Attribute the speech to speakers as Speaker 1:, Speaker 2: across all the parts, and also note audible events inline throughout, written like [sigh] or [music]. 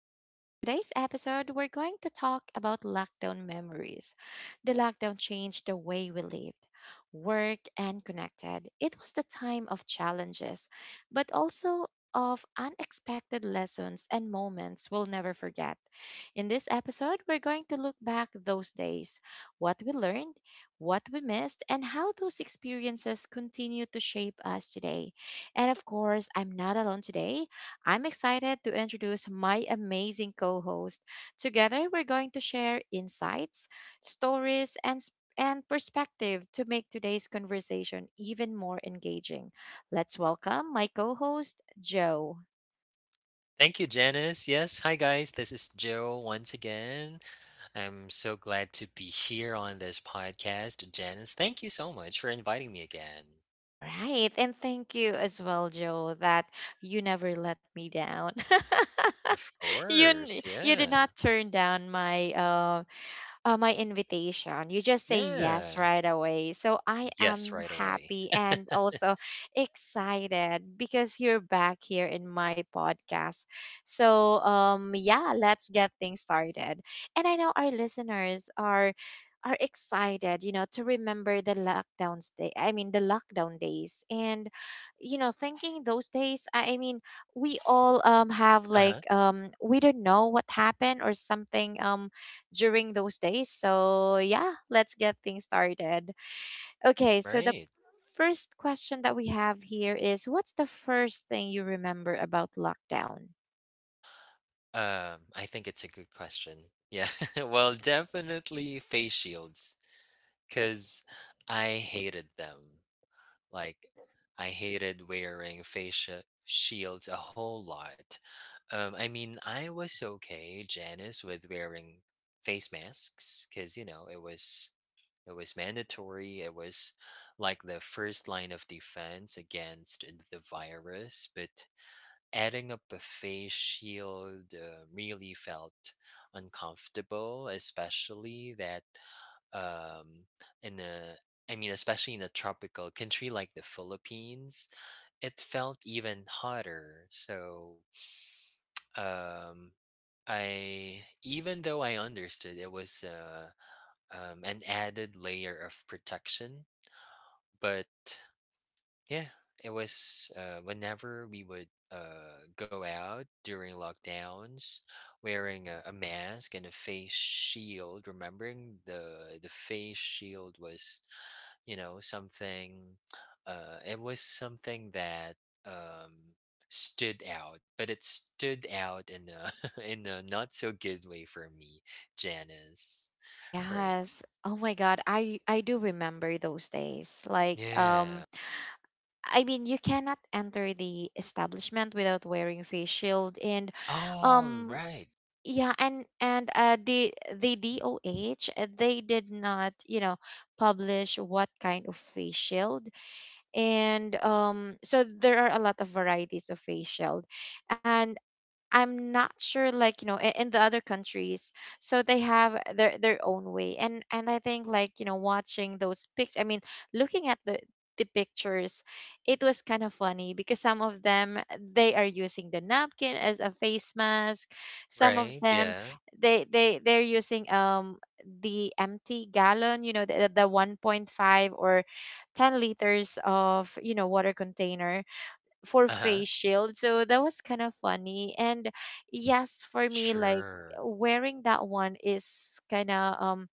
Speaker 1: And for today's episode, we're going to talk about lockdown memories. The lockdown changed the way we lived, worked, and connected. It was the time of challenges, but also of unexpected lessons and moments we'll never forget. In this episode, we're going to look back those days, what we learned, what we missed, and how those experiences continue to shape us today. And of course, I'm not alone today. I'm excited to introduce my amazing co host. Together, we're going to share insights, stories, and perspective to make today's conversation even more engaging. Let's welcome my co host, Joe.
Speaker 2: Thank you, Janice. Yes, hi guys. This is Joe once again. I'm so glad to be here on this podcast. Janice, thank you so much for inviting me again.
Speaker 1: All right. And thank you as well, Joe, that you never let me down.
Speaker 2: Of
Speaker 1: [laughs]
Speaker 2: course.
Speaker 1: You did
Speaker 2: Yeah.
Speaker 1: not turn down my invitation. You just say yes
Speaker 2: Yeah.
Speaker 1: right away. So I
Speaker 2: Yes,
Speaker 1: am
Speaker 2: right away.
Speaker 1: happy
Speaker 2: [laughs]
Speaker 1: and also excited because you're back here in my podcast. So yeah, let's get things started. And I know our listeners are excited, you know, to remember the lockdown day. I mean, the lockdown days, and you know, thinking those days. I mean, we all have
Speaker 2: Uh-huh.
Speaker 1: like we don't know what happened or something during those days. So, yeah, let's get things started. Okay, so the
Speaker 2: Right.
Speaker 1: first question that we have here is what's the first thing you remember about lockdown?
Speaker 2: I think it's a good question. Yeah. [laughs] Well, definitely face shields, because I hated them. Like, I hated wearing face shields a whole lot. I mean, I was okay, Janice, with wearing face masks because you know it was mandatory. It was like the first line of defense against the virus. But adding up a face shield really felt uncomfortable, especially that um, in the I mean, especially in a tropical country like the Philippines, it felt even hotter. So um, I, even though I understood it was an added layer of protection, but yeah, it was whenever we would go out during lockdowns, wearing a mask and a face shield. Remembering the face shield was you know something it was something that um stood out, but it stood out in a [laughs] in a not so good way for me, Janice. Right.
Speaker 1: Yes. Oh my God. I do remember those days. Like,
Speaker 2: Yeah.
Speaker 1: I mean, you cannot enter the establishment without wearing face shield, and,
Speaker 2: Oh,
Speaker 1: um,
Speaker 2: right.
Speaker 1: yeah, and the DOH they did not, you know, publish what kind of face shield. And so there are a lot of varieties of face shield, and I'm not sure, like, you know, in the other countries, so they have their own way. And I think, like, you know, watching those pictures, I mean, looking at the pictures, it was kind of funny because some of them they are using the napkin as a face mask. Some of
Speaker 2: Right.
Speaker 1: them
Speaker 2: Yeah.
Speaker 1: they're using the empty gallon, you know, the 1.5 or 10 liters of, you know, water container for
Speaker 2: Uh-huh.
Speaker 1: face shield. So that was kind of funny. And yes, for me, like
Speaker 2: Sure.
Speaker 1: wearing that one is kind of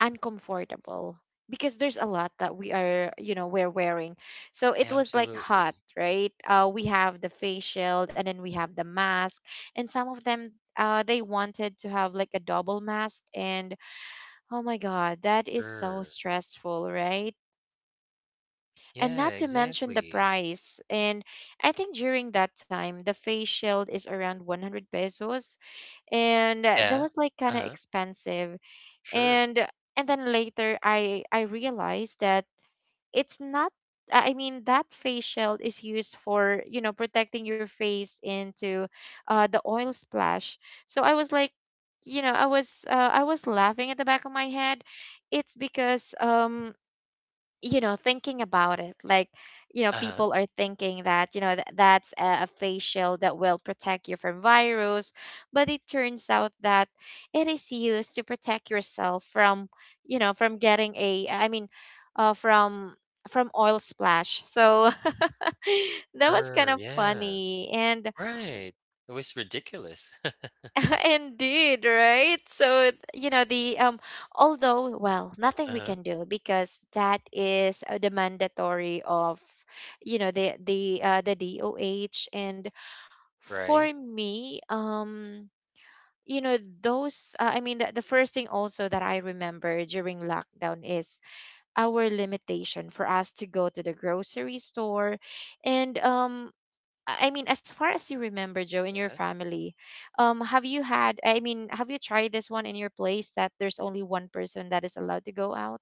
Speaker 1: uncomfortable because there's a lot that we are, you know, we're wearing. So it was like hot,
Speaker 2: Absolutely.
Speaker 1: right? We have the face shield and then we have the mask, and some of them. They wanted to have like a double mask, and oh my god, that is so
Speaker 2: Sure.
Speaker 1: stressful, right? And
Speaker 2: Yeah.
Speaker 1: not to mention the
Speaker 2: Exactly.
Speaker 1: price. And I think during that time, the face shield is around 100 pesos, and that
Speaker 2: Yeah.
Speaker 1: was like kind of
Speaker 2: Uh-huh.
Speaker 1: expensive.
Speaker 2: Sure.
Speaker 1: And and then later, I realized that it's not. I mean, that face shield is used for you know protecting your face into the oil splash. So I was like, you know, I was laughing at the back of my head. It's because you know thinking about it like you know
Speaker 2: Uh-huh.
Speaker 1: people are thinking that you know that's a face shield that will protect you from virus, but it turns out that it is used to protect yourself from you know from getting a I mean uh, from from oil splash. So [laughs] that was kind
Speaker 2: Sure.
Speaker 1: of
Speaker 2: Yeah.
Speaker 1: funny. And
Speaker 2: Right. It was ridiculous.
Speaker 1: [laughs] indeed, right? So, you know, the although well,
Speaker 2: [laughs]
Speaker 1: nothing we
Speaker 2: Uh-huh.
Speaker 1: can do because that is the mandatory of you know the DOH. And for
Speaker 2: Right?
Speaker 1: me, you know those I mean the first thing also that I remember during lockdown is our limitation for us to go to the grocery store. And I mean, as far as you remember, Joe, in your
Speaker 2: Yeah.
Speaker 1: family, have you had? I mean, have you tried this one in your place that there's only one person that is allowed to go out?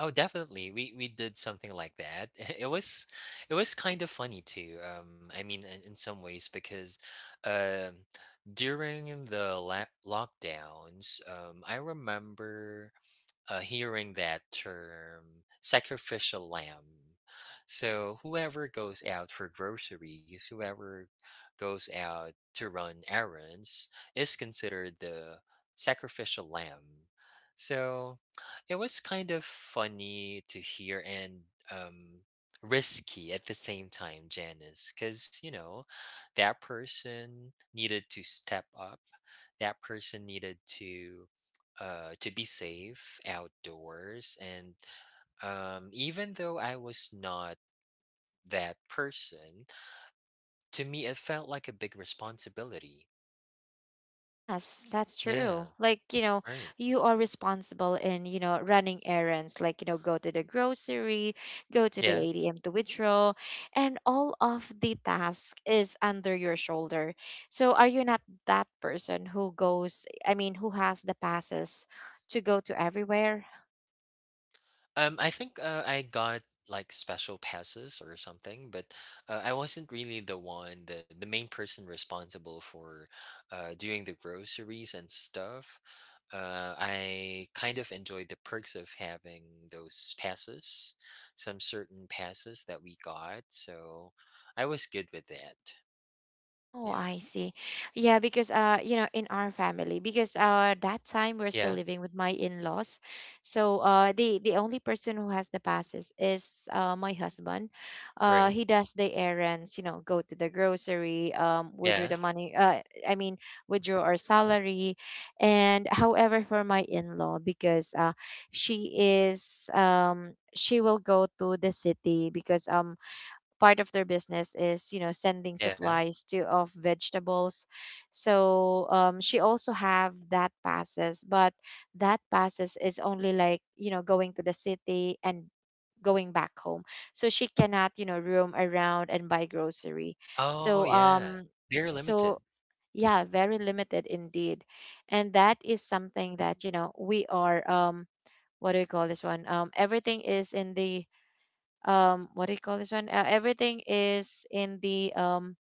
Speaker 2: Oh, definitely. We did something like that. [laughs] It was it was kind of funny too. I mean, in some ways because, um, during the lockdowns, I remember hearing that term sacrificial lamb. So, whoever goes out for groceries, whoever goes out to run errands, is considered the sacrificial lamb. So, it was kind of funny to hear and um, risky at the same time, Janice, because, you know, that person needed to step up, that person needed to be safe outdoors. And even though I was not that person, to me, it felt like a big responsibility.
Speaker 1: Yes, that's
Speaker 2: Yeah.
Speaker 1: true. Like, you know,
Speaker 2: Right.
Speaker 1: you are responsible in, you know, running errands, like, you know, go to the grocery, go to the
Speaker 2: Yeah.
Speaker 1: ATM to withdraw, and all of the task is under your shoulder. So are you not that person who goes, I mean, who has the passes to go to everywhere?
Speaker 2: I think I got like special passes or something, but I wasn't really the one, the main person responsible for doing the groceries and stuff. I kind of enjoyed the perks of having those passes, some certain passes that we got, so I was good with that.
Speaker 1: Oh,
Speaker 2: Yeah.
Speaker 1: I see. Yeah, because you know, in our family, because that time we're still
Speaker 2: Yeah.
Speaker 1: living with my in-laws. So the only person who has the passes is my husband. Uh,
Speaker 2: Right.
Speaker 1: he does the errands, you know, go to the grocery, withdraw
Speaker 2: Yeah.
Speaker 1: the money, withdraw our salary. And however, for my in-law, because she is she will go to the city because part of their business is you know sending
Speaker 2: Yeah.
Speaker 1: supplies to of vegetables. So she also have that passes, but that passes is only like you know going to the city and going back home, so she cannot you know roam around and buy grocery.
Speaker 2: Oh
Speaker 1: So
Speaker 2: yeah. Very limited.
Speaker 1: so yeah, very limited indeed. And that is something that you know we are what do you call this one, everything is in the what do you call this one everything is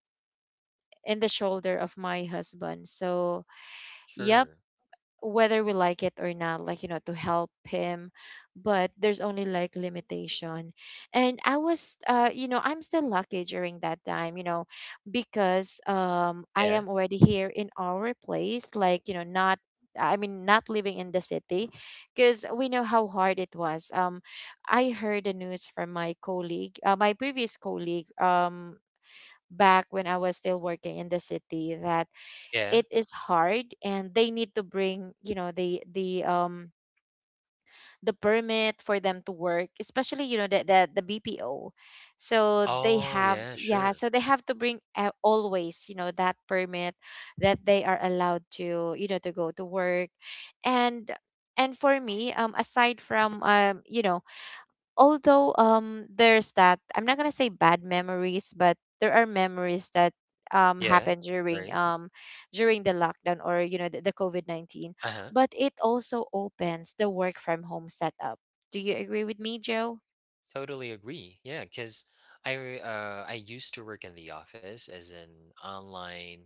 Speaker 1: in the shoulder of my husband. So yeah,
Speaker 2: Sure.
Speaker 1: whether we like it or not, like you know to help him, but there's only like limitation. And I was you know I'm still lucky during that time you know because I
Speaker 2: Yeah.
Speaker 1: am already here in our place, like you know not not living in the city, because we know how hard it was. I heard the news from my colleague, my previous colleague, back when I was still working in the city, that
Speaker 2: Yeah.
Speaker 1: it is hard and they need to bring you know the permit for them to work, especially you know the bpo. So they
Speaker 2: Oh
Speaker 1: have
Speaker 2: yeah.
Speaker 1: yeah
Speaker 2: Sure.
Speaker 1: so they have to bring always you know that permit that they are allowed to you know to go to work. and and for me aside from you know although there's that I'm not gonna say bad memories, but there are memories that
Speaker 2: Yeah,
Speaker 1: happened during
Speaker 2: right.
Speaker 1: the lockdown, or you know the covid-19,
Speaker 2: Uh-huh.
Speaker 1: but it also opens the work from home setup. Do you agree with me, joe?
Speaker 2: Totally agree. Yeah, cause I used to work in the office as an online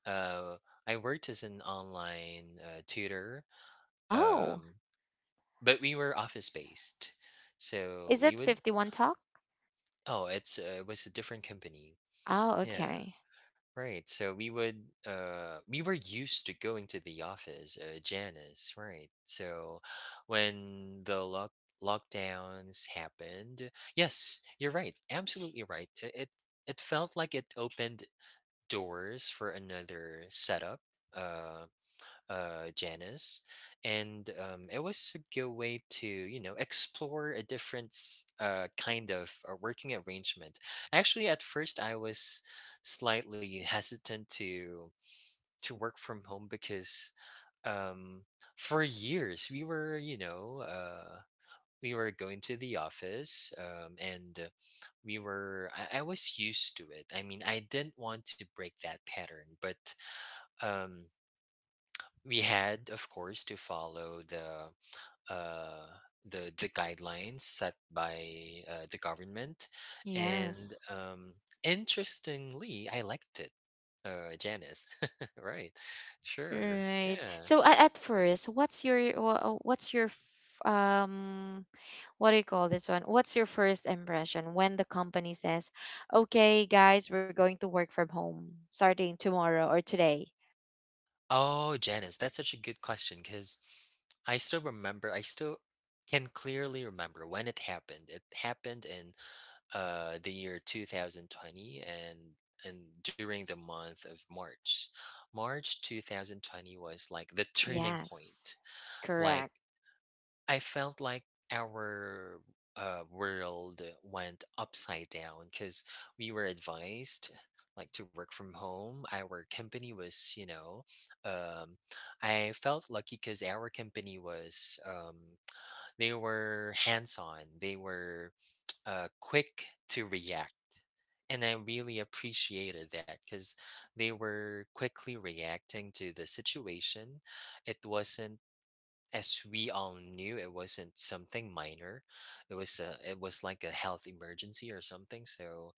Speaker 2: uh I worked as an online tutor.
Speaker 1: Oh,
Speaker 2: Um, but we were office based. So
Speaker 1: is
Speaker 2: we
Speaker 1: it
Speaker 2: would
Speaker 1: 51 talk?
Speaker 2: oh, it's it was a different company.
Speaker 1: Oh,
Speaker 2: Yeah.
Speaker 1: okay.
Speaker 2: Right. So we would we were used to going to the office, Janice, right? So when the lockdowns happened, yes, you're right. Absolutely right. It it felt like it opened doors for another setup. uh Janice, and it was a good way to you know explore a different kind of working arrangement. Actually, at first I was slightly [laughs] hesitant to work from home because um, for years we were you know we were going to the office and we were I was used to it. I mean, I didn't want to break that pattern, but um we had of course to follow the uh the guidelines set by the government, and
Speaker 1: Yes.
Speaker 2: interestingly I liked it, Janice. [laughs] Right. Sure.
Speaker 1: Right.
Speaker 2: Yeah.
Speaker 1: So at first, what's your what's your um what do you call this one? What's your first impression when the company says, "Okay, guys, we're going to work from home starting tomorrow or today."
Speaker 2: Oh, Janice, that's such a good question because I still remember, I still can clearly remember when it happened. It happened in the year 2020, and during the month of March. March 2020 was like the turning point.
Speaker 1: Yes.
Speaker 2: Like,
Speaker 1: Correct.
Speaker 2: I felt like our world went upside down because we were advised like to work from home. Our company was, you know, um, I felt lucky because our company was, they were hands on. They were quick to react. And I really appreciated that because they were quickly reacting to the situation. It wasn't, as we all knew, it wasn't something minor. It was it was like a health emergency or something. So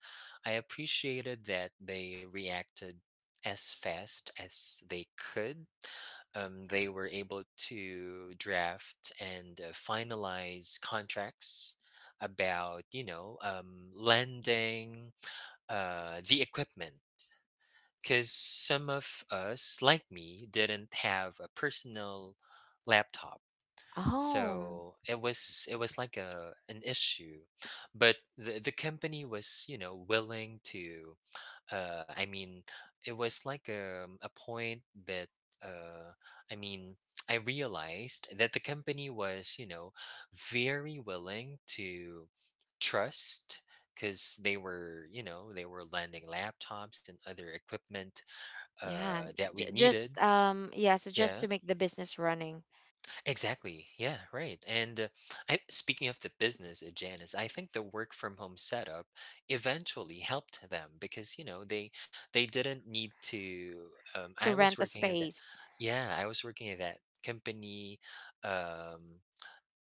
Speaker 2: I appreciated that they reacted as fast as they could. They were able to draft and finalize contracts about you know lending the equipment because some of us like me didn't have a personal laptop,
Speaker 1: Oh,
Speaker 2: so it was like a an issue, but the company was you know willing to uh, I mean, it was like a point that uh, I mean, I realized that the company was, you know, very willing to trust because they were, you know, they were lending laptops and other equipment
Speaker 1: yeah.
Speaker 2: that we needed.
Speaker 1: Just yeah, so just
Speaker 2: Yeah.
Speaker 1: to make the business running,
Speaker 2: Exactly. Yeah, right. And speaking of the business at Janus, I think the work from home setup eventually helped them because you know they didn't need to.
Speaker 1: to
Speaker 2: I was
Speaker 1: rent a
Speaker 2: working in that.
Speaker 1: space.
Speaker 2: Yeah, I was working at that company. Um,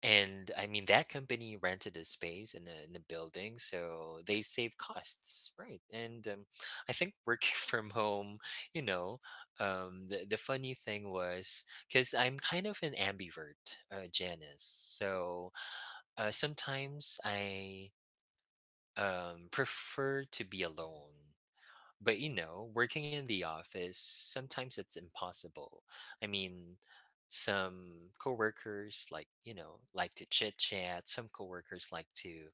Speaker 2: and I mean, that company rented a space in in a building, so they save costs, right? And I think working [laughs] from home, you know, the funny thing was because I'm kind of an ambivert, Janice. So sometimes I prefer to be alone. But you know, working in the office, sometimes it's impossible. I mean, some coworkers like, you know, like to chit chat. Some coworkers like to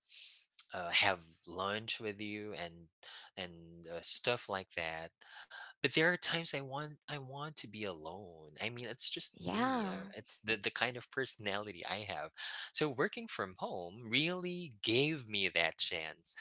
Speaker 2: have lunch with you and stuff like that. But there are times I want to be alone. I mean, it's just me.
Speaker 1: Yeah.
Speaker 2: It's the kind of personality I have. So working from home really gave me that chance.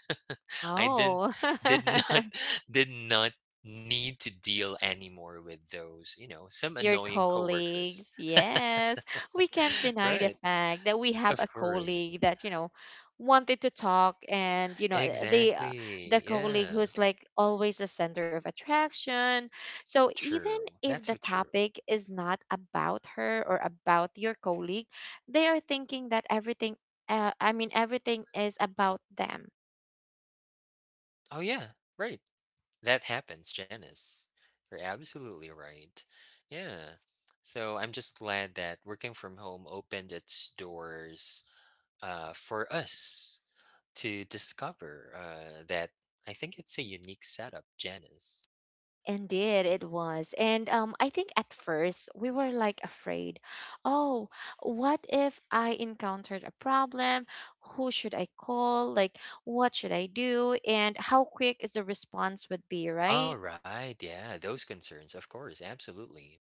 Speaker 2: I didn't
Speaker 1: Oh.
Speaker 2: did not
Speaker 1: [laughs]
Speaker 2: [laughs] did not need to deal anymore with those, you know, some
Speaker 1: Your
Speaker 2: annoying coworkers.
Speaker 1: colleagues. Yes, we can't
Speaker 2: [laughs]
Speaker 1: deny the
Speaker 2: Right.
Speaker 1: fact that we have
Speaker 2: Of
Speaker 1: a
Speaker 2: course.
Speaker 1: colleague that, you know, wanted to talk, and you know the uh, the
Speaker 2: Exactly.
Speaker 1: colleague
Speaker 2: Yeah.
Speaker 1: who's like always the center of attraction. So even
Speaker 2: True. That's
Speaker 1: if
Speaker 2: so
Speaker 1: the
Speaker 2: true.
Speaker 1: topic is not about her or about your colleague, they are thinking that everything everything is about them.
Speaker 2: Oh yeah, right. That happens, Janice. You're absolutely right. Yeah. So I'm just glad that working from home opened its doors for us to discover that I think it's a unique setup, Janice.
Speaker 1: Indeed, it was. And I think at first we were like afraid. Oh, what if I encountered a problem? Who should I call? Like, what should I do? And how quick is the response would be, right?
Speaker 2: All right, yeah, those concerns, of course, absolutely.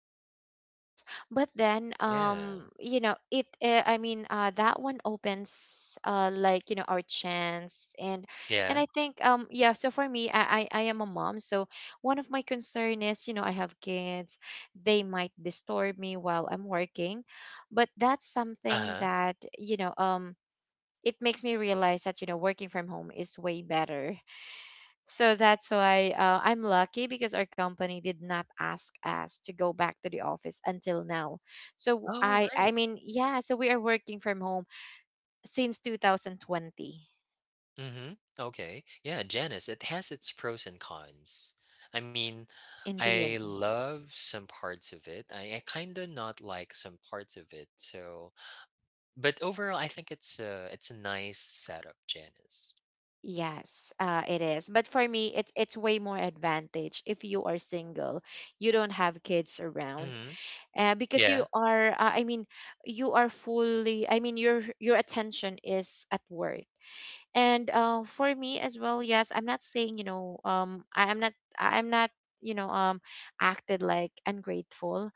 Speaker 1: Yes, but
Speaker 2: Uh,
Speaker 1: then
Speaker 2: Yeah,
Speaker 1: you know it that one opens like you know our chance. And
Speaker 2: yeah,
Speaker 1: I think yeah so for me I am a mom, so one of my concern is you know I have kids, they might disturb me while I'm working. But that's something
Speaker 2: uh-huh.
Speaker 1: that you know it makes me realize that you know working from home is way better. So that's why I'm lucky because our company did not ask us to go back to the office until now. So
Speaker 2: Oh, right.
Speaker 1: yeah, so we are working from home since 2020.
Speaker 2: Mm-hmm. Okay. Yeah, Janice, it has its pros and cons. I mean,
Speaker 1: Indeed.
Speaker 2: I love some parts of it. I kind of not like some parts of it. So, but overall, I think it's a nice setup, Janice.
Speaker 1: Yes, it is. But for me, it's way more advantage if you are single. You don't have kids around,
Speaker 2: Mm-hmm.
Speaker 1: because you
Speaker 2: Yeah,
Speaker 1: are. I mean, you are fully. I mean, your attention is at work. And For me as well, yes, I'm not saying, I'm not, acted like ungrateful,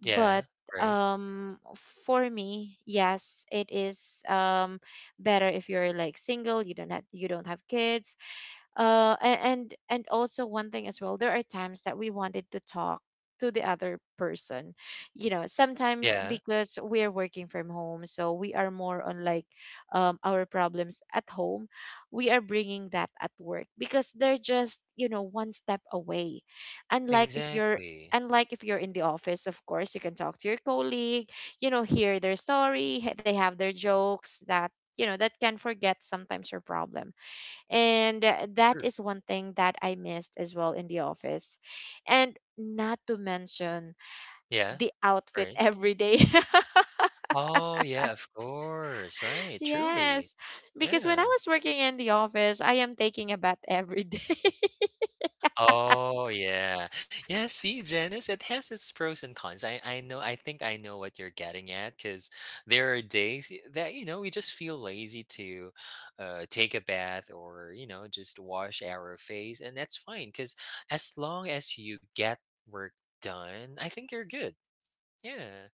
Speaker 1: but
Speaker 2: yeah, right.
Speaker 1: um for me, yes, it is better if you're like single. You don't have kids. And also one thing as well, there are times that we wanted to talk to the other person, you know, sometimes
Speaker 2: Yeah,
Speaker 1: because we are working from home, so we are more on like, our problems at home. We are bringing that at work because they're just, you know, one step away. unlike if you're
Speaker 2: exactly.
Speaker 1: Unlike if you're in the office, of course you can talk to your colleague, you know, hear their story, they have their jokes that, you know, that can forget sometimes your problem. And that
Speaker 2: True.
Speaker 1: is one thing that I missed as well in the office. And not to mention
Speaker 2: Yeah,
Speaker 1: the outfit
Speaker 2: right.
Speaker 1: every day.
Speaker 2: Oh, yeah, of course,
Speaker 1: [laughs]
Speaker 2: right, truly.
Speaker 1: Yes, because when I
Speaker 2: Yeah.
Speaker 1: was working in the office, I am taking a bath every day.
Speaker 2: Oh, yeah. Yeah, see, Janice, it has its pros and cons. I know, I think I know what you're getting at because there are days that, you know, we just feel lazy to take a bath or, you know, just wash our face. And that's fine because as long as you get work done, I think you're good. Yeah,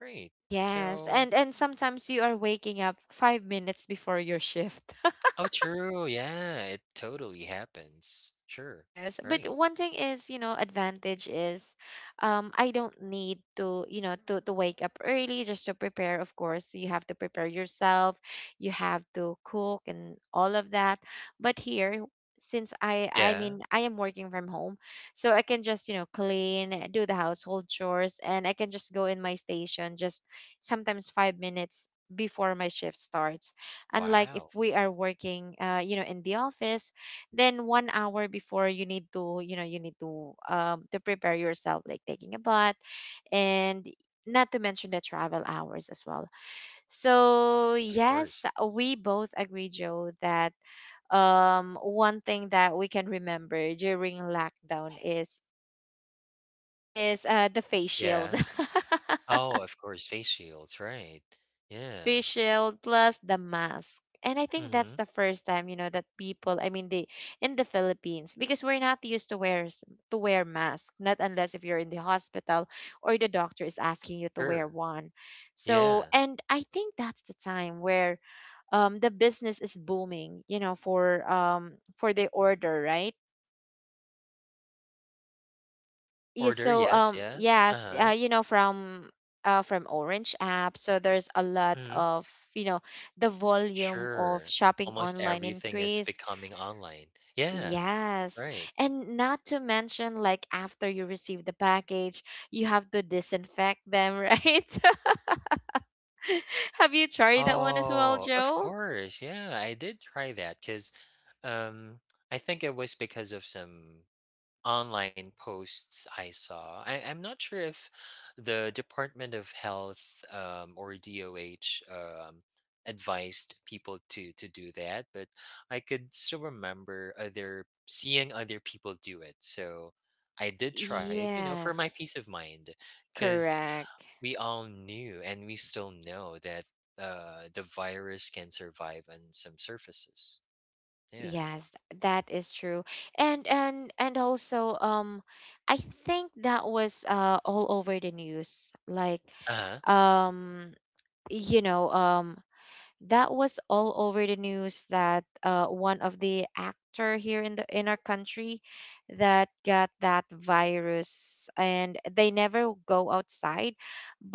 Speaker 2: right.
Speaker 1: [laughs] Yes,
Speaker 2: So.
Speaker 1: and sometimes you are waking up 5 minutes before your shift.
Speaker 2: Oh, true, yeah, it totally happens. Sure,
Speaker 1: Yes, but
Speaker 2: right.
Speaker 1: one thing is, you know, advantage is, I don't need to, you know, to wake up early just to prepare. Of course, you have to prepare yourself, you have to cook and all of that. But here, since I
Speaker 2: Yeah,
Speaker 1: mean, I am working from home, so I can just, you know, clean, do the household chores, and I can just go in my station just sometimes 5 minutes before my shift starts. Unlike if
Speaker 2: wow,
Speaker 1: we are working, you know, in the office, then 1 hour before you need to, you know, you need to prepare yourself like taking a bath, and not to mention the travel hours as well. So
Speaker 2: of
Speaker 1: yes,
Speaker 2: course.
Speaker 1: we both agree, Joe, that one thing that we can remember during lockdown is the face shield.
Speaker 2: Yeah.
Speaker 1: [laughs]
Speaker 2: Oh, of course, face shields, right. Yeah,
Speaker 1: Fish shield plus the mask. And I think that's
Speaker 2: mhm,
Speaker 1: the first time, you know, that people, I mean, they in the Philippines, because we're not used to wear mask, not unless if you're in the hospital or the doctor is asking you to wear
Speaker 2: sure,
Speaker 1: one. So,
Speaker 2: yeah.
Speaker 1: and I think that's the time where, the business is booming, you know, for the order, right? Yeah,
Speaker 2: Order,
Speaker 1: so
Speaker 2: yes, yeah,
Speaker 1: yes,
Speaker 2: uh-huh,
Speaker 1: you know, from Orange app, so there's a lot
Speaker 2: mhm,
Speaker 1: of, you know, the volume of
Speaker 2: sure.
Speaker 1: shopping
Speaker 2: Almost
Speaker 1: online
Speaker 2: everything is
Speaker 1: increased.
Speaker 2: becoming online. Yeah,
Speaker 1: Yes.
Speaker 2: right.
Speaker 1: And not to mention, like, after you receive the package, you have to disinfect them, right? [laughs] Have you tried that one as well,
Speaker 2: Oh, of
Speaker 1: Joe?
Speaker 2: course, yeah, I did try that because, um, I think it was because of some online posts I saw. I, I'm not sure if the Department of Health or DOH advised people to do that, but I could still remember other seeing other people do it. So I did try it, you know, for my
Speaker 1: Yes.
Speaker 2: peace of mind, because
Speaker 1: Correct.
Speaker 2: we all knew and we still know that the virus can survive on some surfaces. Yeah.
Speaker 1: Yes, that is true. And also, I think that was all over the news. Like,
Speaker 2: Uh huh.
Speaker 1: um you know um that was all over the news that one of the actor here in the in our country that got that virus and they never go outside,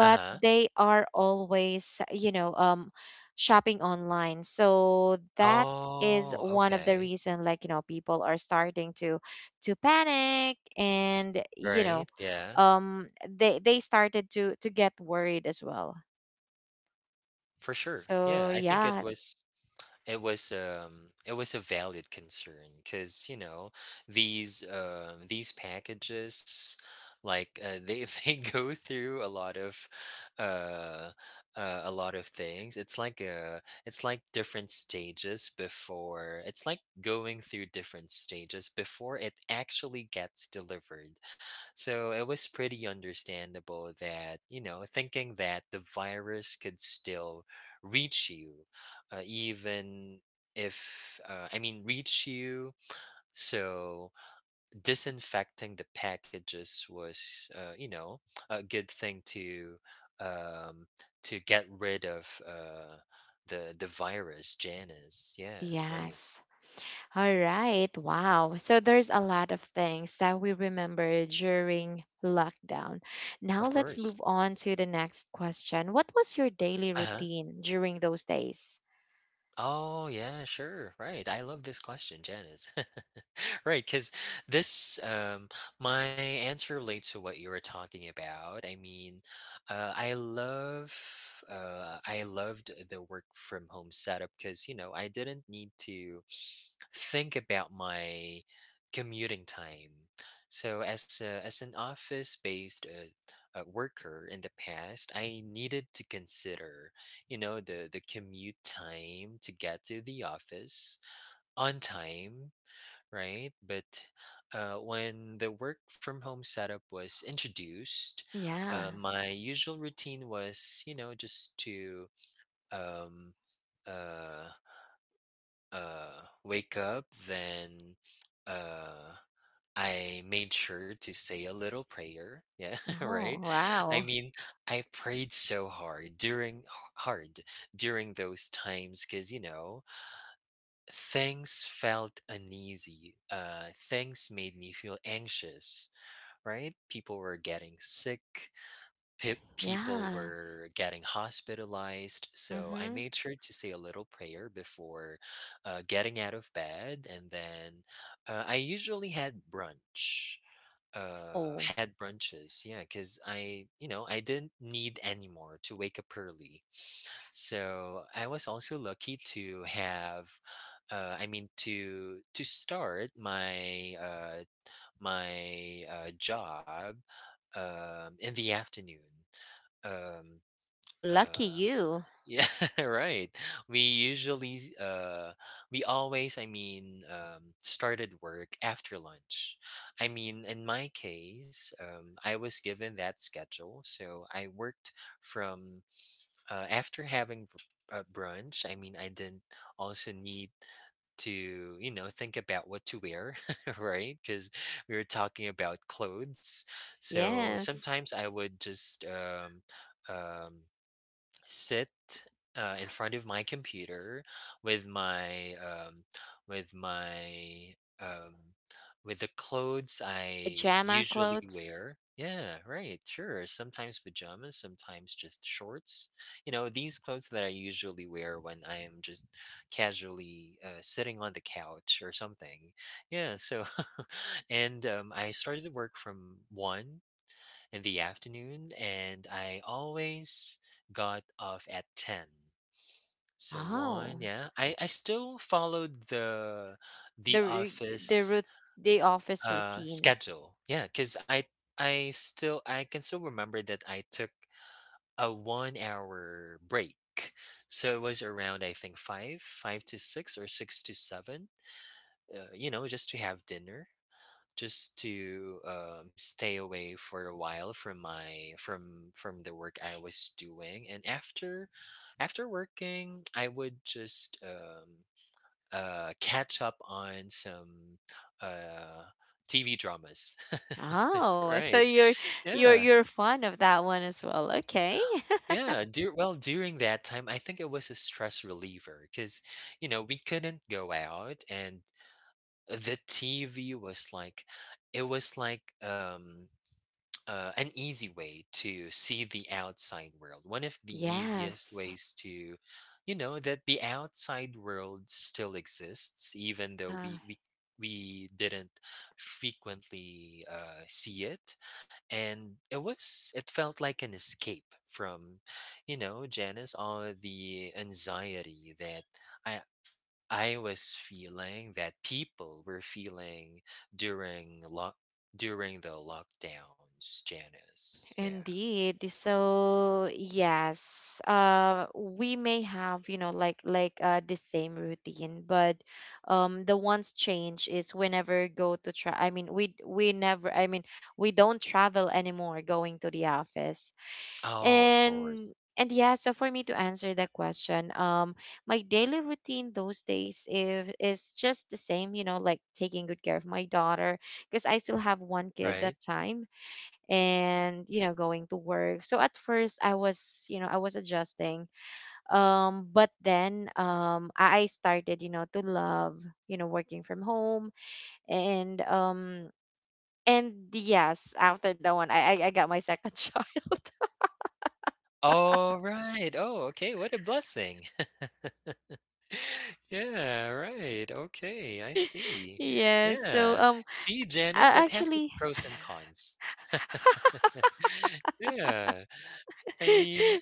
Speaker 2: Uh huh.
Speaker 1: they are always, you know, shopping online, so that is
Speaker 2: Oh,
Speaker 1: one of the
Speaker 2: okay.
Speaker 1: reason, like, you know, people are starting to panic, and you
Speaker 2: Right,
Speaker 1: know,
Speaker 2: yeah,
Speaker 1: they started to get worried as well.
Speaker 2: for sure.
Speaker 1: So
Speaker 2: Yeah, I think
Speaker 1: yeah,
Speaker 2: it was um, it was a valid concern because you know these packages they [laughs] they go through uh, a lot of things. It's like going through different stages before it actually gets delivered, so it was pretty understandable that you know thinking that the virus could still reach you, even if I mean reach you. So disinfecting the packages was, you know, a good thing um, to get rid of the virus, Janus. Yeah, right.
Speaker 1: yes. All right. Wow. So there's a lot of things that we remember during lockdown. Now
Speaker 2: Of
Speaker 1: let's
Speaker 2: course.
Speaker 1: move on to the next question. What was your daily
Speaker 2: Uh huh.
Speaker 1: routine during those days?
Speaker 2: Oh yeah, sure. Right. I love this question, Janice. [laughs] Right, because this, my answer relates to what you were talking about. I mean, I loved the work from home setup because, you know, I didn't need to think about my commuting time. So as as an office-based worker in the past, I needed to consider, you know, the commute time to get to the office on time, right? But when the work from home setup was introduced,
Speaker 1: Yeah.
Speaker 2: my usual routine was, you know, just to um, uh, wake up, then uh, I made sure to say a little prayer. Yeah, [laughs] right.
Speaker 1: Oh,
Speaker 2: I
Speaker 1: wow.
Speaker 2: mean, I prayed so hard during those times because you know things felt uneasy. Things made me feel anxious, right? People were getting sick, people
Speaker 1: Yeah.
Speaker 2: were getting hospitalized. So I
Speaker 1: Mm-hmm.
Speaker 2: made sure to say a little prayer before getting out of bed. And then I usually had brunch uh
Speaker 1: Oh.
Speaker 2: had brunches, yeah, because I you know I didn't need anymore to wake up early, so I was also lucky to have to start my job in the afternoon. um
Speaker 1: Oh, lucky
Speaker 2: uh
Speaker 1: you.
Speaker 2: yeah, [laughs] right. We usually, s- we always, I mean, started work after lunch. I mean, in my case, I was given that schedule. So I worked from, after having brunch. I mean, I didn't also need to, you know, think about what to wear, [laughs] right, because we were talking about clothes, so
Speaker 1: Yes.
Speaker 2: sometimes I would just um sit in front of my computer with my with my um, with the clothes I
Speaker 1: Pajama
Speaker 2: usually
Speaker 1: clothes.
Speaker 2: wear. Yeah, right, sure. Sometimes pajamas, sometimes just shorts. You know, these clothes that I usually wear when I am just casually sitting on the couch or something. Yeah, so [laughs] and I started to work from 1 in the afternoon, and I always got off at 10. So
Speaker 1: Oh.
Speaker 2: one, yeah, I still followed the
Speaker 1: The ru- the
Speaker 2: office
Speaker 1: root The office routine.
Speaker 2: schedule. Yeah, because I can still remember that I took a 1 hour break. So it was around, I think, five, five to six or six to seven. You know, just to have dinner, just to stay away for a while from my, from the work I was doing. And after working, I would just catch up on some uh, TV dramas. [laughs]
Speaker 1: Oh,
Speaker 2: Right.
Speaker 1: so you're you're
Speaker 2: Yeah.
Speaker 1: you're fond of that one as well. Okay. [laughs]
Speaker 2: Yeah. Well, during that time, I think it was a stress reliever because, you know, we couldn't go out, and the TV was like, it was like, an easy way to see the outside world. One of the easiest
Speaker 1: Yes.
Speaker 2: ways to, you know, that the outside world still exists, even though
Speaker 1: Yeah,
Speaker 2: we didn't frequently see it, and it felt like an escape from, you know, Janice, all the anxiety that I I was feeling, that people were feeling during lock during the lockdowns, Janice. Yeah.
Speaker 1: indeed. So, yes, we may have, you know, like the same routine, but the ones change is we never go to try. I mean, we never. I mean, we don't travel anymore going to the office.
Speaker 2: Oh, of course.
Speaker 1: And yeah, so for me to answer that question, my daily routine those days if is just the same, you know, like taking good care of my daughter because I still have one kid that
Speaker 2: Right.
Speaker 1: time. And you know, going to work. So at first, I was adjusting, but then I started, you know, to love, you know, working from home. and um and yes, after that one, I got my second [laughs] child.
Speaker 2: Oh, right. Oh, okay. What a blessing. [laughs] Yeah, right. Okay, I
Speaker 1: [laughs]
Speaker 2: see.
Speaker 1: Yes, so
Speaker 2: Yeah. See, Janice,
Speaker 1: I
Speaker 2: it has its
Speaker 1: actually
Speaker 2: pros and cons. [laughs] Yeah. I mean,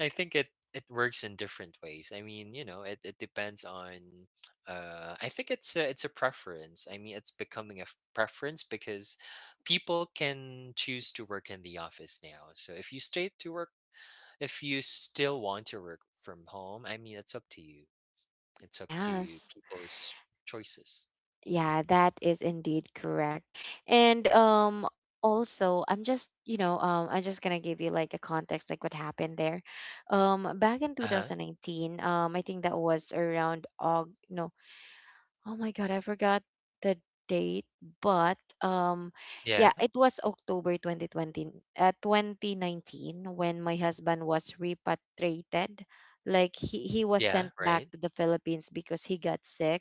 Speaker 2: I think it it works in different ways. I mean, you know, it depends on. I think it's a preference. I mean, it's becoming a preference because people can choose to work in the office now. So if you stay to work, if you still want to work from home, I mean, it's up to you.
Speaker 1: [laughs]
Speaker 2: It's up to
Speaker 1: yes.
Speaker 2: people's choices.
Speaker 1: Yeah, that is indeed correct. And also, I'm just, you know, I'm just gonna give you like a context like what happened there. Back in
Speaker 2: Uh huh.
Speaker 1: 2019, I think that was around Aug no, oh my God, I forgot the date, but yeah,
Speaker 2: Yeah.
Speaker 1: it was October 2020 uh, 2019 when my husband was repatriated. Like he was
Speaker 2: Yeah.
Speaker 1: sent
Speaker 2: Right.
Speaker 1: back to the Philippines because he got sick.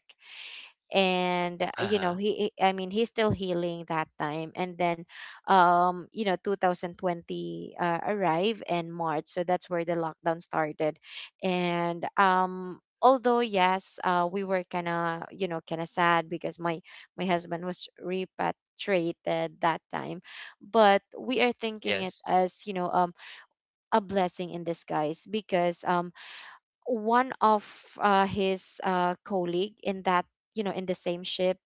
Speaker 1: And
Speaker 2: Uh
Speaker 1: you know,
Speaker 2: huh.
Speaker 1: he's still healing that time. And then you know, 2020 arrived in March, so that's where the lockdown started. And although, yes, we were kind of, you know, kind of sad because my husband was repatriated that time, but we are thinking it
Speaker 2: Yes.
Speaker 1: as, you know, a blessing in disguise because one of his colleague in that, you know, in the same ship,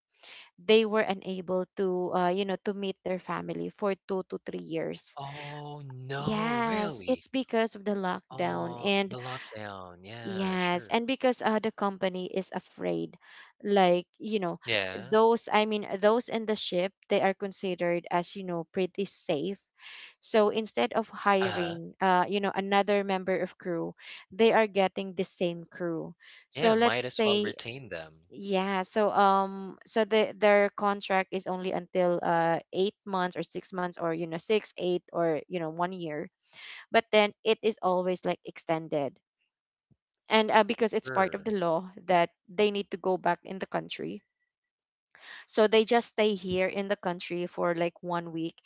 Speaker 1: they were unable to, you know, to meet their family for 2 to 3 years.
Speaker 2: Oh no!
Speaker 1: Yes, it's
Speaker 2: Really?
Speaker 1: because of the lockdown.
Speaker 2: Oh,
Speaker 1: And
Speaker 2: the lockdown. Yeah.
Speaker 1: yes,
Speaker 2: Sure.
Speaker 1: and because the company is afraid, like, you know,
Speaker 2: Yeah.
Speaker 1: those I mean those in the ship, they are considered as, you know, pretty safe. So instead of
Speaker 2: Uh-huh.
Speaker 1: hiring, you know, another member of crew, they are getting the same crew. So
Speaker 2: Yeah,
Speaker 1: let's
Speaker 2: might as well
Speaker 1: say,
Speaker 2: retain them.
Speaker 1: yeah, so so their contract is only until 8 months or 6 months or, you know, six, eight, or, you know, 1 year. But then it is always like extended. And because it's part of the
Speaker 2: Sure.
Speaker 1: law that they need to go back in the country, so they just stay here in the country for like 1 week,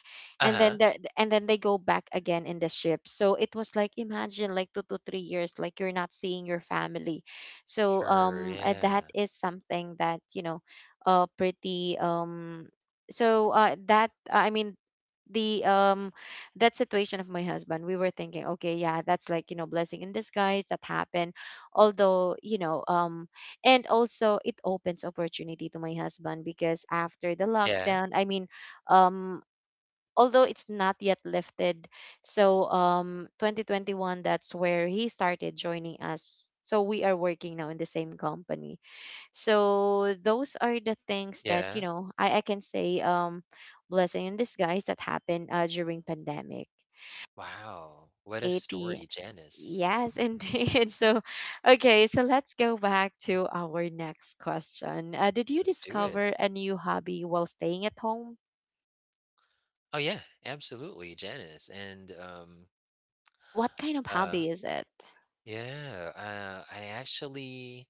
Speaker 2: Uh-huh.
Speaker 1: and then they go back again in the ship. So it was like, imagine, like 2 to 3 years like you're not seeing your family. So
Speaker 2: Sure,
Speaker 1: that
Speaker 2: yeah.
Speaker 1: is something that, you know, pretty so that I mean the that situation of my husband, we were thinking, okay, yeah, that's like, you know, blessing in disguise that happened. Although, you know, and also it opens opportunity to my husband because after the
Speaker 2: Yeah,
Speaker 1: lockdown, I mean, um although it's not yet lifted. So 2021, that's where he started joining us, so we are working now in the same company. So those are the things that, you
Speaker 2: yeah.
Speaker 1: know, I can say, blessing in disguise that happened, during pandemic.
Speaker 2: Wow.
Speaker 1: Hi,
Speaker 2: What a
Speaker 1: ate the,
Speaker 2: story, Janice.
Speaker 1: yes. [laughs] Indeed. So, okay, so let's go back to our next question. Did you
Speaker 2: Let's do
Speaker 1: discover
Speaker 2: it.
Speaker 1: a new hobby while staying at home?
Speaker 2: Oh yeah, absolutely, Janice. And
Speaker 1: What kind of
Speaker 2: uh
Speaker 1: hobby is it?
Speaker 2: yeah, I actually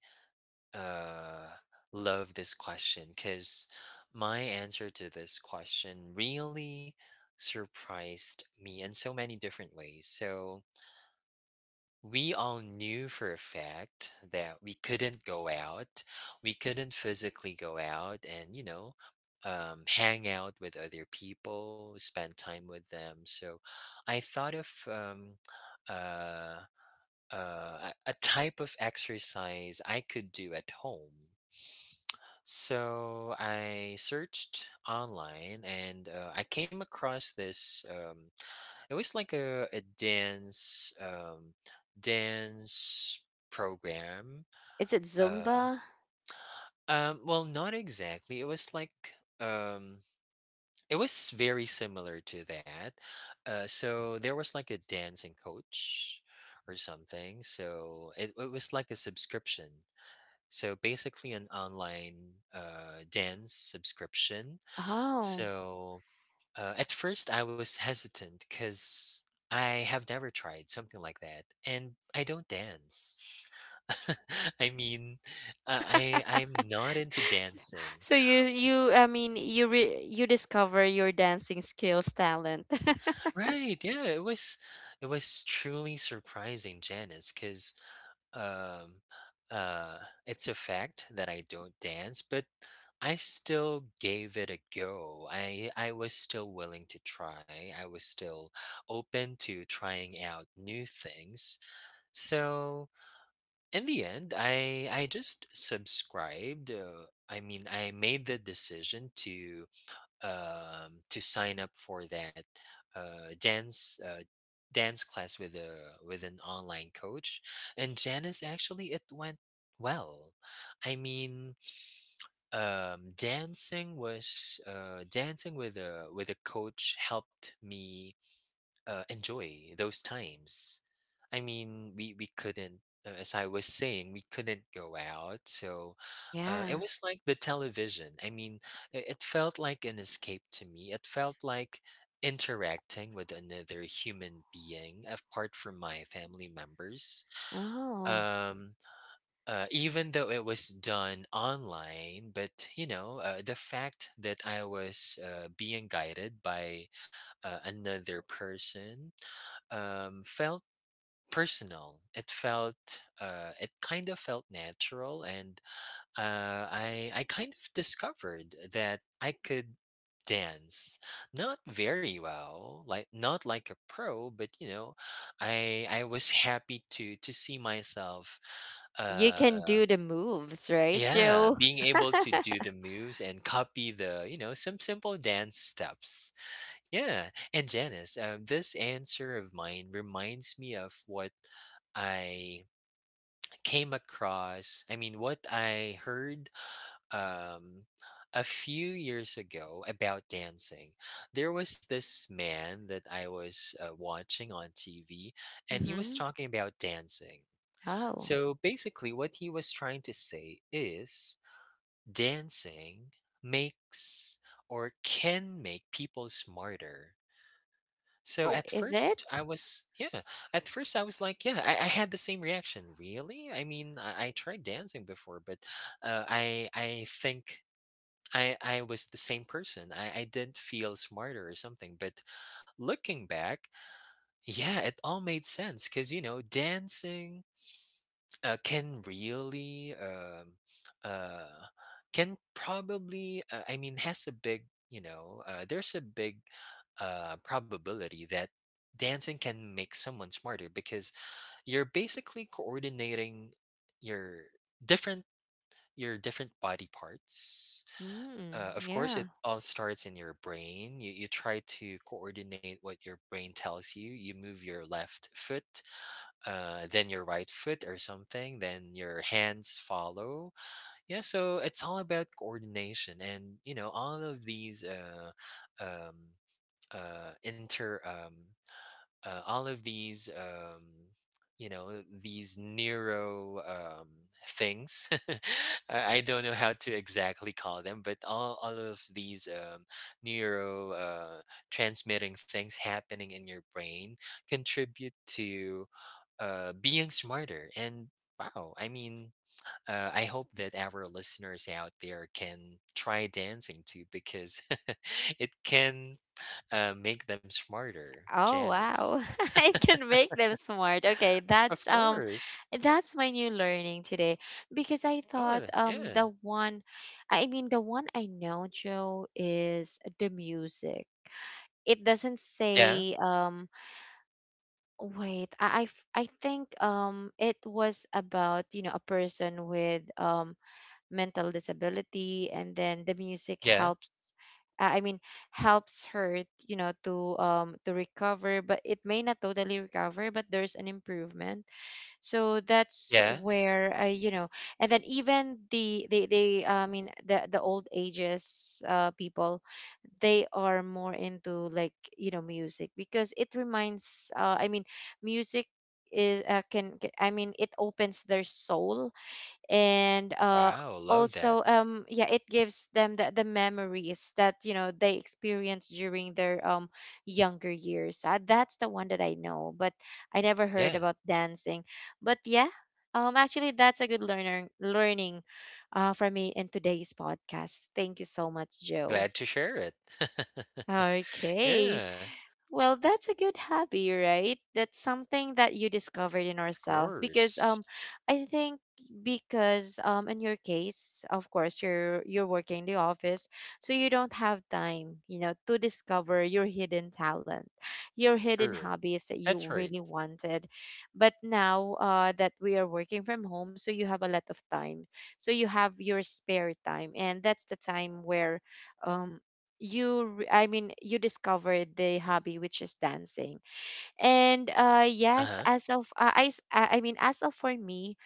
Speaker 2: uh love this question because my answer to this question really surprised me in so many different ways. So we all knew for a fact that we couldn't go out, we couldn't physically go out, and you know, hang out with other people, spend time with them. So I thought of uh, a type of exercise I could do at home. So I searched online, and I came across this, it was like a dance dance program.
Speaker 1: Is it
Speaker 2: Uh
Speaker 1: Zumba?
Speaker 2: well, not exactly. It was like, um it was very similar to that. So there was like a dancing coach or something. So it was like a subscription. So basically an online dance subscription.
Speaker 1: Oh,
Speaker 2: So, at first, I was hesitant because I have never tried something like that, and I don't dance. [laughs] I mean, I I'm not into dancing.
Speaker 1: so you I mean you re- you discover your dancing skills talent. [laughs]
Speaker 2: Right? Yeah, it was truly surprising, Janice, because um, uh, it's a fact that I don't dance, but I still gave it a go. I was still willing to try. I was still open to trying out new things. So in the end, I just subscribed. I mean, I made the decision to sign up for that uh dance uh dance class with a, with an online coach, and Janice, actually, it went well. I mean, dancing was, dancing with a, with a coach, helped me enjoy those times. I mean, we couldn't, as I was saying, we couldn't go out. So it
Speaker 1: Yeah.
Speaker 2: was like the television. I mean, it felt like an escape to me. It felt like interacting with another human being apart from my family members.
Speaker 1: Oh.
Speaker 2: Um, Even though it was done online, but you know, the fact that I was being guided by another person felt personal. It felt it kind of felt natural, and I kind of discovered that I could dance, not very well, like not like a pro, but you know, I was [laughs] happy to see myself.
Speaker 1: Oh, you
Speaker 2: uh
Speaker 1: can do the moves, right,
Speaker 2: yeah,
Speaker 1: Joe?
Speaker 2: being able to do the
Speaker 1: [laughs]
Speaker 2: moves and copy the, you know, some simple dance steps. Yeah, and Janice, this answer of mine reminds me of what I came across, I mean what I heard, um a few years ago about dancing. There was this man that I was watching on TV, and he was
Speaker 1: Mhm.
Speaker 2: talking about dancing.
Speaker 1: Oh.
Speaker 2: So basically, what he was trying to say is dancing makes, or can make, people smarter. So
Speaker 1: Oh,
Speaker 2: at
Speaker 1: is
Speaker 2: first
Speaker 1: it?
Speaker 2: I was, yeah. At first I was like, yeah, I had the same reaction. Really? I mean, I tried dancing before, but I think I was the same person. I didn't feel smarter or something. But looking back, yeah, it all made sense, because you know, dancing can really uh, can probably, has a big, you know, there's a big probability that dancing can make someone smarter, because you're basically coordinating your different, your different body parts.
Speaker 1: Mm,
Speaker 2: Of course,
Speaker 1: yeah.
Speaker 2: it all starts in your brain. You try to coordinate what your brain tells you. You move your left foot, then your right foot or something, then your hands follow. Yeah, so it's all about coordination, and you know, all of these um, inter all of these, you know, these neuro, things. [laughs] I don't know how to exactly call them, but all of these, neuro, transmitting things happening in your brain contribute to being smarter, and wow, I mean, I hope that our listeners out there can try dancing too, because [laughs] it can make them smarter,
Speaker 1: Oh,
Speaker 2: Janice.
Speaker 1: wow. [laughs] It can make them smart. Okay,
Speaker 2: Of course.
Speaker 1: that's my new learning today, because I
Speaker 2: Oh,
Speaker 1: thought
Speaker 2: and yeah.
Speaker 1: the one I know, Joe, is the music. It doesn't
Speaker 2: Yeah.
Speaker 1: say, wait, I think it was about, you know, a person with mental disability, and then the music
Speaker 2: Yeah.
Speaker 1: helps, uh, i mean helps her, you know, to recover, but it may not totally recover, but there's an improvement. So that's
Speaker 2: Yeah.
Speaker 1: where I, you know, and then even the they I mean the old ages, people, they are more into, like, you know, music because it reminds, music is, can, I mean, it opens their soul. And
Speaker 2: Wow. Love
Speaker 1: also,
Speaker 2: that.
Speaker 1: yeah, it gives them the memories that, you know, they experienced during their younger years. That's the one that I know, but I never heard
Speaker 2: Yeah.
Speaker 1: about dancing. But yeah, actually that's a good learner learning, for me in today's podcast. Thank you so much, Joe.
Speaker 2: Glad to share it. [laughs]
Speaker 1: Okay.
Speaker 2: Yeah.
Speaker 1: Well, that's a good hobby, right? That's something that you discovered in
Speaker 2: Of
Speaker 1: yourself because
Speaker 2: course.
Speaker 1: I think because in your case, of course, you're working in the office, so you don't have time, you know, to discover your hidden talent, your hidden
Speaker 2: True.
Speaker 1: hobbies that you
Speaker 2: That's right.
Speaker 1: really wanted. But now that we are working from home, so you have a lot of time. So you have your spare time and that's the time where um you re- I mean you discovered the hobby which is dancing. And
Speaker 2: Uh
Speaker 1: yes,
Speaker 2: huh.
Speaker 1: as of I s- I mean as of for me,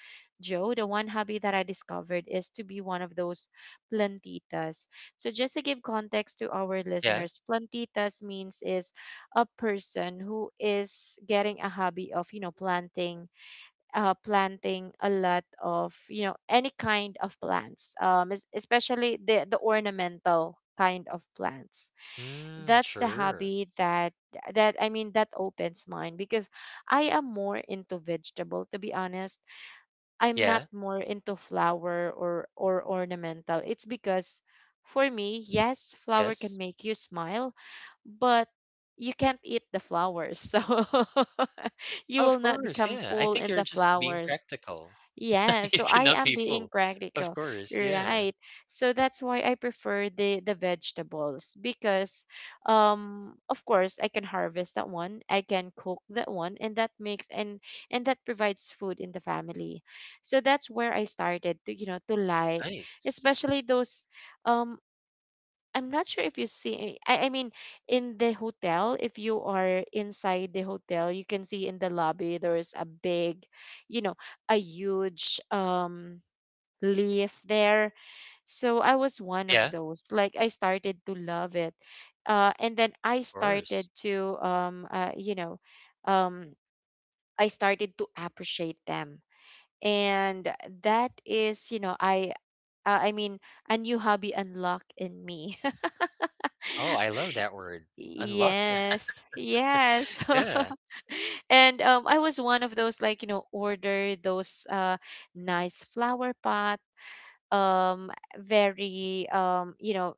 Speaker 1: Joe, the one hobby that I discovered is to be one of those plantitas. So just to give context to our
Speaker 2: Yeah.
Speaker 1: listeners, plantitas means is a person who is getting a hobby of, you know, planting, planting a lot of, you know, any kind of plants, especially the ornamental kind of plants.
Speaker 2: Mm,
Speaker 1: That's the
Speaker 2: sure.
Speaker 1: hobby that, that opens mine because I am more into vegetable, to be honest. I'm not
Speaker 2: Yeah.
Speaker 1: more into flower, or ornamental. It's because for me, yes, flower can
Speaker 2: Yes.
Speaker 1: make you smile, but you can't eat the flowers. [laughs] So [laughs] you
Speaker 2: Oh,
Speaker 1: will
Speaker 2: of
Speaker 1: not
Speaker 2: course.
Speaker 1: become
Speaker 2: Yeah. I
Speaker 1: full
Speaker 2: think
Speaker 1: in
Speaker 2: you're
Speaker 1: the
Speaker 2: just being
Speaker 1: flowers.
Speaker 2: practical.
Speaker 1: Yeah,
Speaker 2: [laughs] You
Speaker 1: so I
Speaker 2: cannot
Speaker 1: am
Speaker 2: be
Speaker 1: being
Speaker 2: full. Of
Speaker 1: practical,
Speaker 2: course. Yeah.
Speaker 1: right? So that's why I prefer the vegetables because of course I can harvest that one, I can cook that one, and that makes and that provides food in the family. So that's where I started to you know to like,
Speaker 2: Nice.
Speaker 1: especially those. um I'm not sure if you see, in the hotel, if you are inside the hotel you can see in the lobby there's a big, you know a huge leaf there. So I was one of
Speaker 2: Yeah. Of
Speaker 1: those, like, I started to love it, and then
Speaker 2: course.
Speaker 1: um I started to appreciate them. And that is, uh, I mean a new hobby unlocked in me.
Speaker 2: Oh, I love that word. Unlocked.
Speaker 1: Yes, yes.
Speaker 2: [laughs] Yeah.
Speaker 1: [laughs] And I was one of those, like, order those nice flower pot, very,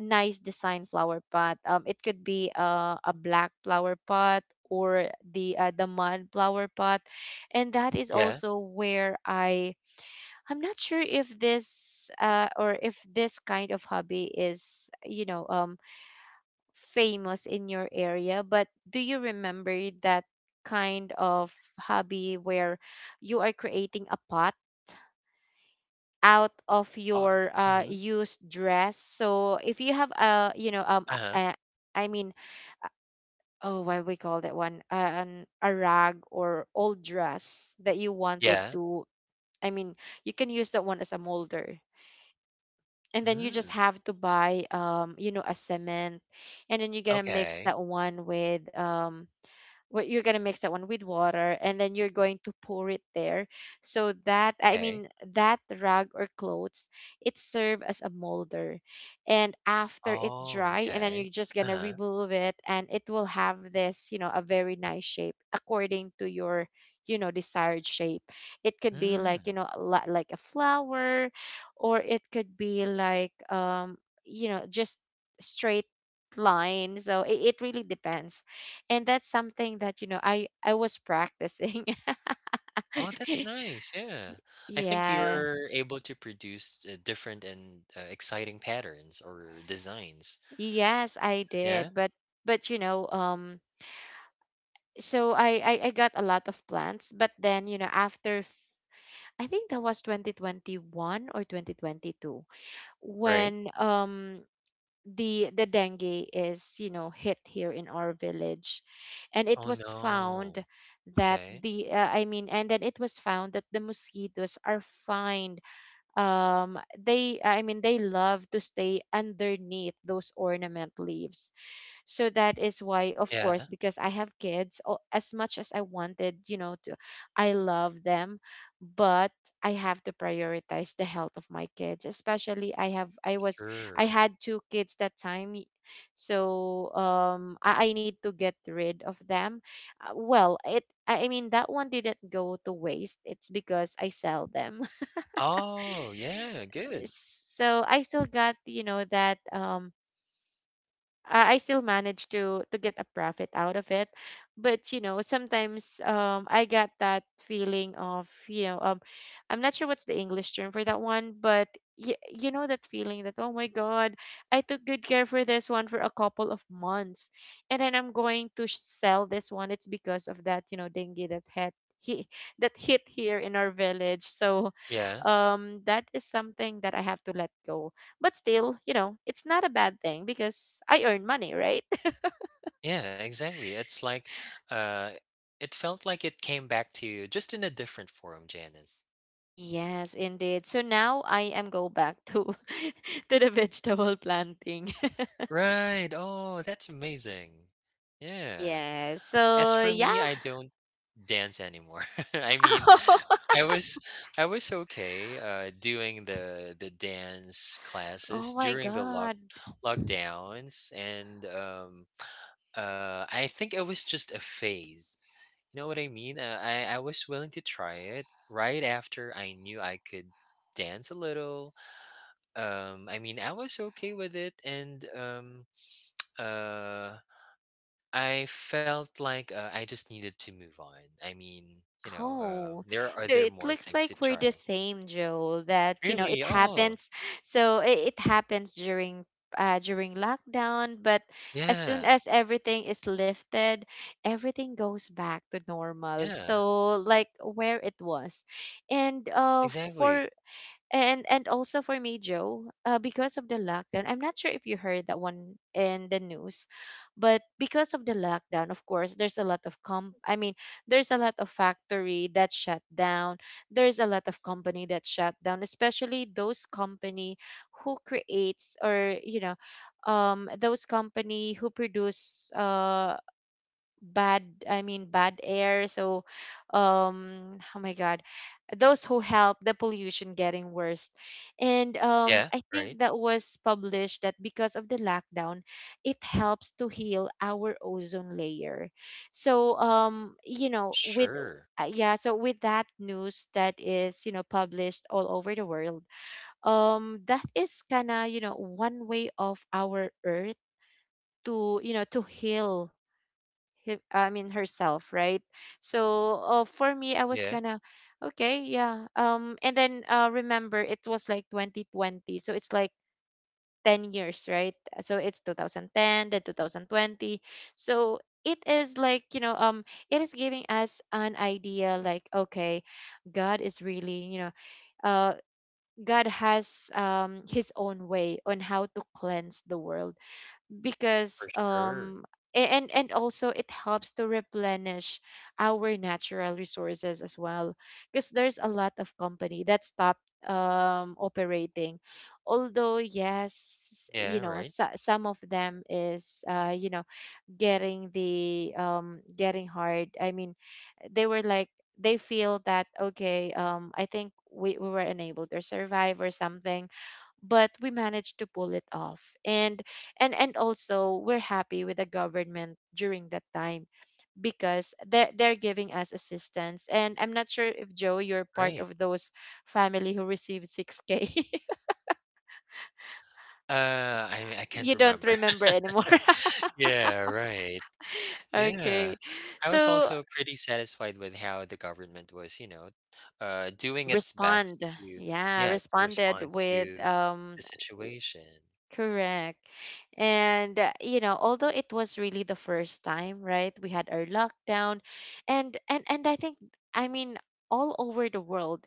Speaker 1: nice design flower pot. It could be a black flower pot, or the mud flower pot. And that is
Speaker 2: Yeah.
Speaker 1: also where I'm not sure if this or if this kind of hobby is, famous in your area, but do you remember that kind of hobby where you are creating a pot out of
Speaker 2: Pot.
Speaker 1: your
Speaker 2: Mm-hmm.
Speaker 1: used dress? So if you have a, you know,
Speaker 2: Uh huh.
Speaker 1: a, I mean, oh, what we call that one, a rag, or old dress that you wanted
Speaker 2: Yeah.
Speaker 1: to, I mean, you can use that one as a molder. And then you just
Speaker 2: Mm,
Speaker 1: have to buy, a cement, and then you're gonna mix
Speaker 2: Okay.
Speaker 1: that one with, what you're going to mix that one with water, and then you're going to pour it there, so that I
Speaker 2: Okay.
Speaker 1: mean that rag or clothes, it serve as a molder. And after it
Speaker 2: Oh,
Speaker 1: dry, and then you're
Speaker 2: okay.
Speaker 1: just going to
Speaker 2: Uh-huh.
Speaker 1: remove it, and it will have this, a very nice shape, according to your, desired shape. It could be like,
Speaker 2: Mm.
Speaker 1: a lot like a flower, or it could be like, just straight line. So it really depends. And that's something that, I was practicing.
Speaker 2: Oh, that's
Speaker 1: [laughs]
Speaker 2: nice, yeah. I think
Speaker 1: Yeah.
Speaker 2: you're able to produce, different and, exciting patterns or designs.
Speaker 1: Yes, I
Speaker 2: Yeah,
Speaker 1: did, but but you know um so, I got a lot of plants, but then, I think that was 2021 or 2022,
Speaker 2: right?
Speaker 1: when the dengue is you know hit here in our village. And it
Speaker 2: Oh,
Speaker 1: was
Speaker 2: no.
Speaker 1: found that
Speaker 2: Okay.
Speaker 1: the I mean and then it was found that the mosquitoes are fine. They I mean they love to stay underneath those ornament leaves. So that is why, of
Speaker 2: Yeah,
Speaker 1: course, because I have as much as I wanted, to, I love them, but I have to prioritize the health of my kids, especially I have I was I
Speaker 2: sure.
Speaker 1: had two kids that time. So I need to get rid of them. Well, it I mean that one didn't go to waste, it's because I sell them.
Speaker 2: Oh, yeah, good.
Speaker 1: So I still got, that, I still managed to get a profit out of it. But, sometimes, I got that feeling of, I'm not sure what's the English term for that one, but you know that feeling that, oh my god, I took good care for this one for a couple of months, and then I'm going to sell this one, it's because of that, dengue that had he that hit here in our village. So
Speaker 2: Yeah.
Speaker 1: that is something that I have to let go, but still, it's not a bad thing because I earn money, right? [laughs]
Speaker 2: Yeah, exactly. It's like, uh, it felt like it came back to you just in a different form, Janice.
Speaker 1: Yes, indeed. So now I am go back to [laughs] to the vegetable planting.
Speaker 2: Right. Oh, that's amazing.
Speaker 1: [laughs]
Speaker 2: Yeah.
Speaker 1: Yes.
Speaker 2: As
Speaker 1: So
Speaker 2: for me,
Speaker 1: yeah.
Speaker 2: I don't dance anymore. [laughs] I mean,
Speaker 1: [laughs]
Speaker 2: I was I was okay doing the dance
Speaker 1: Oh,
Speaker 2: classes
Speaker 1: my
Speaker 2: during the
Speaker 1: god.
Speaker 2: lockdowns, and I think it was just a phase. You know what I mean? I I was willing to try it right after I knew I could dance a little. I mean, I was okay with it, and uh I felt like, I just needed to move on. I mean, you know,
Speaker 1: Oh,
Speaker 2: there are
Speaker 1: so
Speaker 2: there
Speaker 1: it
Speaker 2: more
Speaker 1: looks
Speaker 2: things to
Speaker 1: like we're the
Speaker 2: try.
Speaker 1: same, Joe, that, it
Speaker 2: Really? Oh,
Speaker 1: happens. So it happens during, during lockdown, but as soon
Speaker 2: yeah,
Speaker 1: as everything is lifted, everything goes back to normal.
Speaker 2: yeah,
Speaker 1: So, like, where it was. And uh
Speaker 2: exactly.
Speaker 1: for and also for me, Joe, because of the lockdown, I'm not sure if you heard that one in the news, but because of the lockdown, of course, there's a lot of factory that shut down. There's a lot of company that shut down, especially those company who creates, or, those company who produce, bad I mean bad air. So oh my god, those who help the pollution getting worse. And
Speaker 2: Yeah,
Speaker 1: I
Speaker 2: right.
Speaker 1: think that was published, that because of the lockdown, it helps to heal our ozone layer. So, with,
Speaker 2: Sure.
Speaker 1: yeah, so with that news that is, published all over the world, that is kind of, one way of our earth to, heal herself, right? So for me, I was
Speaker 2: Yeah,
Speaker 1: gonna, okay, yeah. And then, remember it was like 2020, so it's like 10 years, right? So it's 2010, then 2020. So it is like, it is giving us an idea, like, okay, God is really you know, uh, God has His own way on how to cleanse the world,
Speaker 2: for
Speaker 1: because
Speaker 2: sure.
Speaker 1: and also it helps to replenish our natural resources as well, because there's a lot of company that stopped operating. Although, yes,
Speaker 2: Yeah, right.
Speaker 1: some of them is, getting hard. They were like, they feel that, okay, I think we were unable to survive or something, but we managed to pull it off. And also, we're happy with the government during that time, because they're giving us assistance. And I'm not sure if, Joe, you're part
Speaker 2: Right.
Speaker 1: of those family who received 6k.
Speaker 2: I
Speaker 1: [laughs]
Speaker 2: can't
Speaker 1: You don't
Speaker 2: remember.
Speaker 1: remember
Speaker 2: [laughs]
Speaker 1: anymore.
Speaker 2: Yeah, right.
Speaker 1: [laughs]
Speaker 2: Yeah.
Speaker 1: Okay.
Speaker 2: I was
Speaker 1: So,
Speaker 2: also pretty satisfied with how the government was, you know, doing its best
Speaker 1: respond
Speaker 2: to,
Speaker 1: yeah,
Speaker 2: yeah, to
Speaker 1: responded
Speaker 2: respond
Speaker 1: with,
Speaker 2: to the situation.
Speaker 1: Correct. And, although it was really the first time, right? We had our lockdown, and I think, I mean, all over the world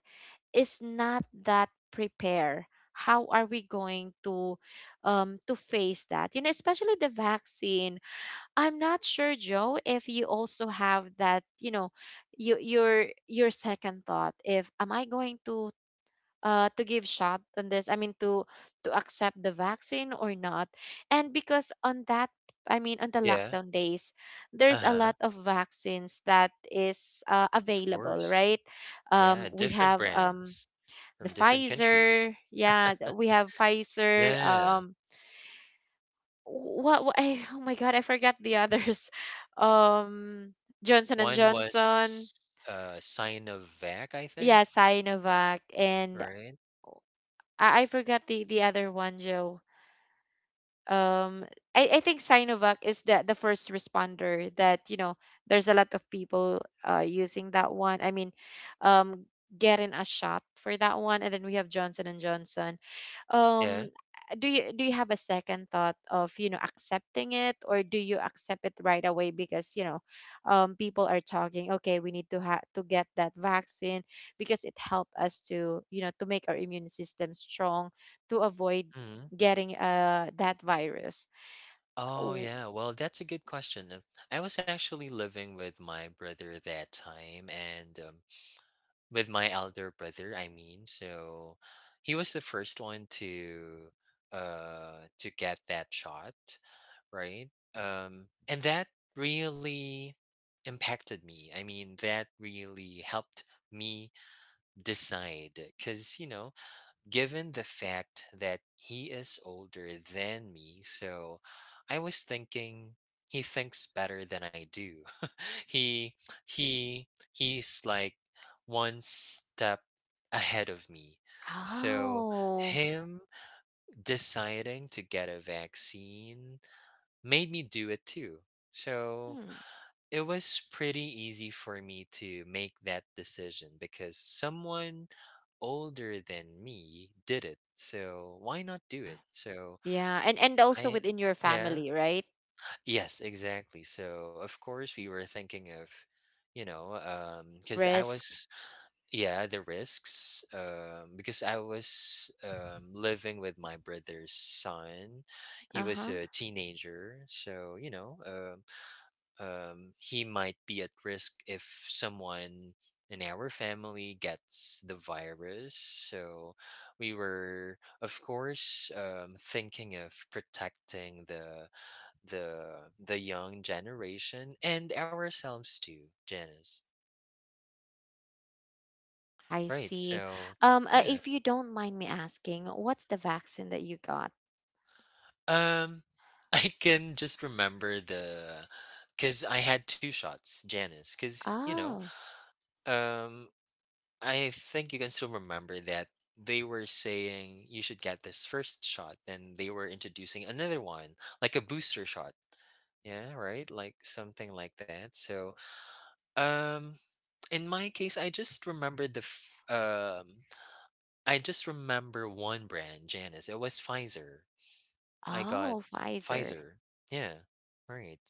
Speaker 1: is not that prepare. How are we going to face that? Especially the vaccine. I'm not sure, Joe, if you also have that, your second thought if am I going to give shot on this, to accept the vaccine or not. And because on that I mean on the
Speaker 2: Yeah.
Speaker 1: lockdown days there's a
Speaker 2: Uh-huh.
Speaker 1: lot of vaccines that is,
Speaker 2: Of
Speaker 1: available,
Speaker 2: course.
Speaker 1: right?
Speaker 2: Yeah.
Speaker 1: We
Speaker 2: Different
Speaker 1: have,
Speaker 2: brands
Speaker 1: the
Speaker 2: from different countries.
Speaker 1: Pfizer, yeah. We have Pfizer,
Speaker 2: Yeah.
Speaker 1: what, [laughs] oh my god, I forgot the others. [laughs] um, Johnson and
Speaker 2: One
Speaker 1: Johnson,
Speaker 2: was Sinovac, I think,
Speaker 1: yeah, Sinovac, and
Speaker 2: right?
Speaker 1: I forgot the other one, Joe. um I think Sinovac is the first responder, that, there's a lot of people using that one. Um Getting a shot for that one, and then we have Johnson and Johnson.
Speaker 2: Yeah.
Speaker 1: um do you have a second thought of, accepting it, or do you accept it right away, because, people are talking, okay, we need to have to get that vaccine, because it helped us to you know to make our immune system strong to avoid
Speaker 2: Mhm.
Speaker 1: getting, that virus.
Speaker 2: Oh
Speaker 1: Oh,
Speaker 2: yeah, well that's a good question. I was actually living with my brother that time and with my elder brother, I mean. So he was the first one to get that shot, right? And that really impacted me. I mean, that really helped me decide cuz you know, given the fact that he is older than me. So I was thinking he thinks better than I do. [laughs] he he he's like one step ahead of me. So
Speaker 1: oh,
Speaker 2: him deciding to get a vaccine made me do it too. So
Speaker 1: mm,
Speaker 2: it was pretty easy for me to make that decision because someone older than me did it. So why not do
Speaker 1: ah,
Speaker 2: it? So
Speaker 1: yeah. And also
Speaker 2: I,
Speaker 1: within your
Speaker 2: yeah,
Speaker 1: family, right?
Speaker 2: yes, exactly. So of course we were thinking of, because
Speaker 1: Risk.
Speaker 2: yeah, the risks, because I was living with my brother's son. He was
Speaker 1: Uh-huh.
Speaker 2: a teenager, so he might be at risk if someone in our family gets the virus. So we were, of course, thinking of protecting the the young generation and ourselves too, Janice.
Speaker 1: I
Speaker 2: Right.
Speaker 1: see.
Speaker 2: So yeah.
Speaker 1: If you don't mind me asking, what's the vaccine that you got?
Speaker 2: Um, [laughs] I can just remember the because I had two shots, Janice. Because you know,
Speaker 1: Oh,
Speaker 2: um, I think you can still remember that they were saying you should get this first shot, and they were introducing another one, like a booster shot. Yeah, right? Like something like that. So, um, in my case, I just remember one brand, Janice. It was Pfizer. I got
Speaker 1: oh, Pfizer.
Speaker 2: Pfizer. Yeah, right.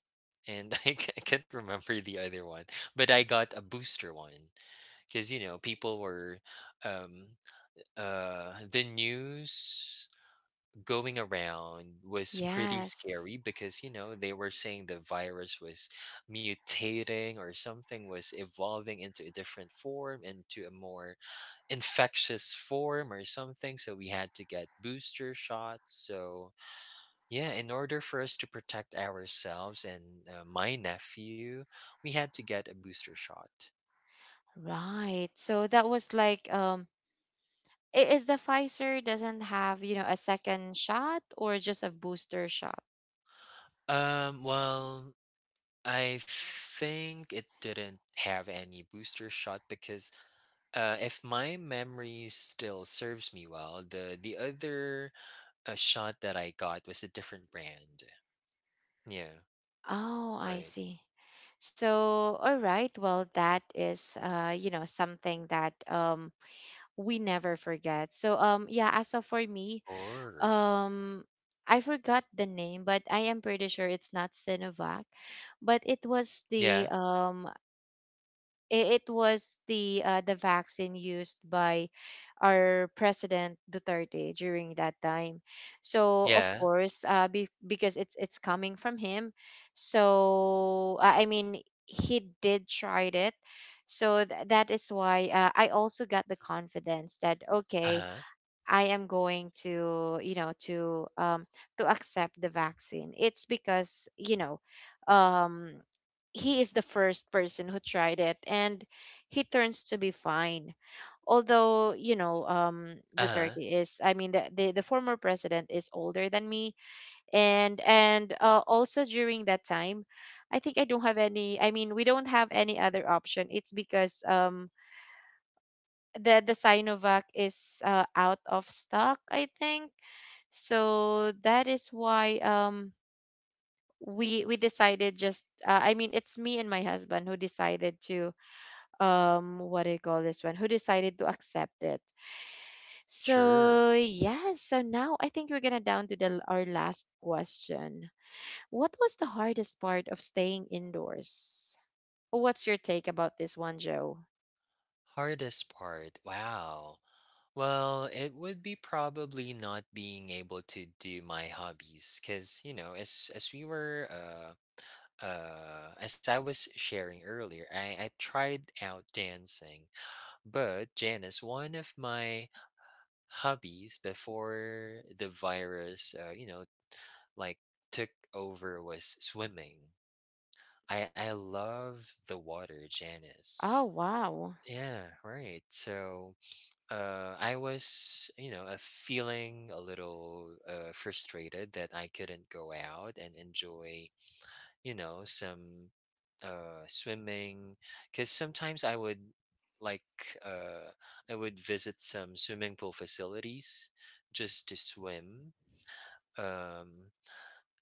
Speaker 2: And [laughs] I can't remember the other one, but I got a booster one because you know people were, um, the news going around was pretty
Speaker 1: Yes,
Speaker 2: scary because you know they were saying the virus was mutating or something, was evolving into a different form, into a more infectious form or something, so we had to get booster shots. So yeah, in order for us to protect ourselves and my nephew, we had to get a booster shot.
Speaker 1: right. So that was like, is the Pfizer doesn't have, a second shot, or just a booster shot?
Speaker 2: Well, I think it didn't have any booster shot because if my memory still serves me well, the other shot that I got was a different brand. Yeah,
Speaker 1: Oh, I
Speaker 2: right.
Speaker 1: see. So, all right. Well, that is, something that, we never forget. So, yeah. As of for
Speaker 2: Of
Speaker 1: me,
Speaker 2: course.
Speaker 1: um I forgot the name, but I am pretty sure it's not Sinovac. But it was
Speaker 2: Yeah,
Speaker 1: the I- it was the vaccine used by our president Duterte during that time. So, of
Speaker 2: yeah.
Speaker 1: course, because it's coming from him. So I mean, he did tried it. So that is why, I also got the confidence that,
Speaker 2: Uh
Speaker 1: okay,
Speaker 2: huh.
Speaker 1: I am going, to, you know, to accept the vaccine. It's because, um, he is the first person who tried it, and he turns to be fine. Although,
Speaker 2: Uh huh.
Speaker 1: Duterte, is, I mean, the former president, is older than me, and also during that time, I think I don't have any. I mean, we don't have any other option. It's because the Sinovac is out of stock, I think, so that is why we decided just. I mean, it's me and my husband who decided to, um, what do you call this, one who decided to accept it.
Speaker 2: Sure.
Speaker 1: So yeah, so now I think we're gonna down to the our last question. What was the hardest part of staying indoors? What's your take about this one, Joe?
Speaker 2: Hardest part. Wow. Well, it would be probably not being able to do my hobbies because, you know, as we were as I was sharing earlier, I tried out dancing, but Janice, one of my hobbies before the virus, you know, like took over was swimming. I love the water, Janice.
Speaker 1: Oh, wow.
Speaker 2: Yeah, right. So I was, you know, feeling a little frustrated that I couldn't go out and enjoy, you know, some swimming because sometimes like uh I would visit some swimming pool facilities just to swim. um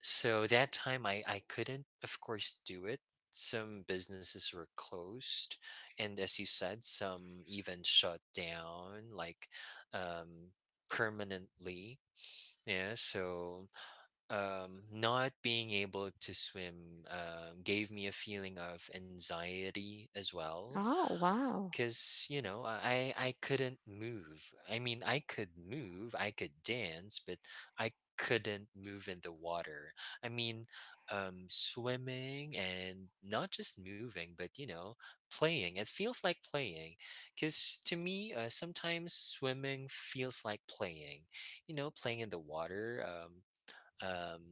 Speaker 2: so that time I couldn't, of course, do it. Some businesses were closed, and as you said, some even shut down, like, um permanently. Yeah. So not being able to swim gave me a feeling of anxiety as well
Speaker 1: Oh, wow.
Speaker 2: because you know I couldn't move. I mean, I could move, I could dance, but I couldn't move in the water. I mean, swimming, and not just moving but, you know, playing. It feels like playing because to me, sometimes swimming feels like playing, you know, playing in the water. Um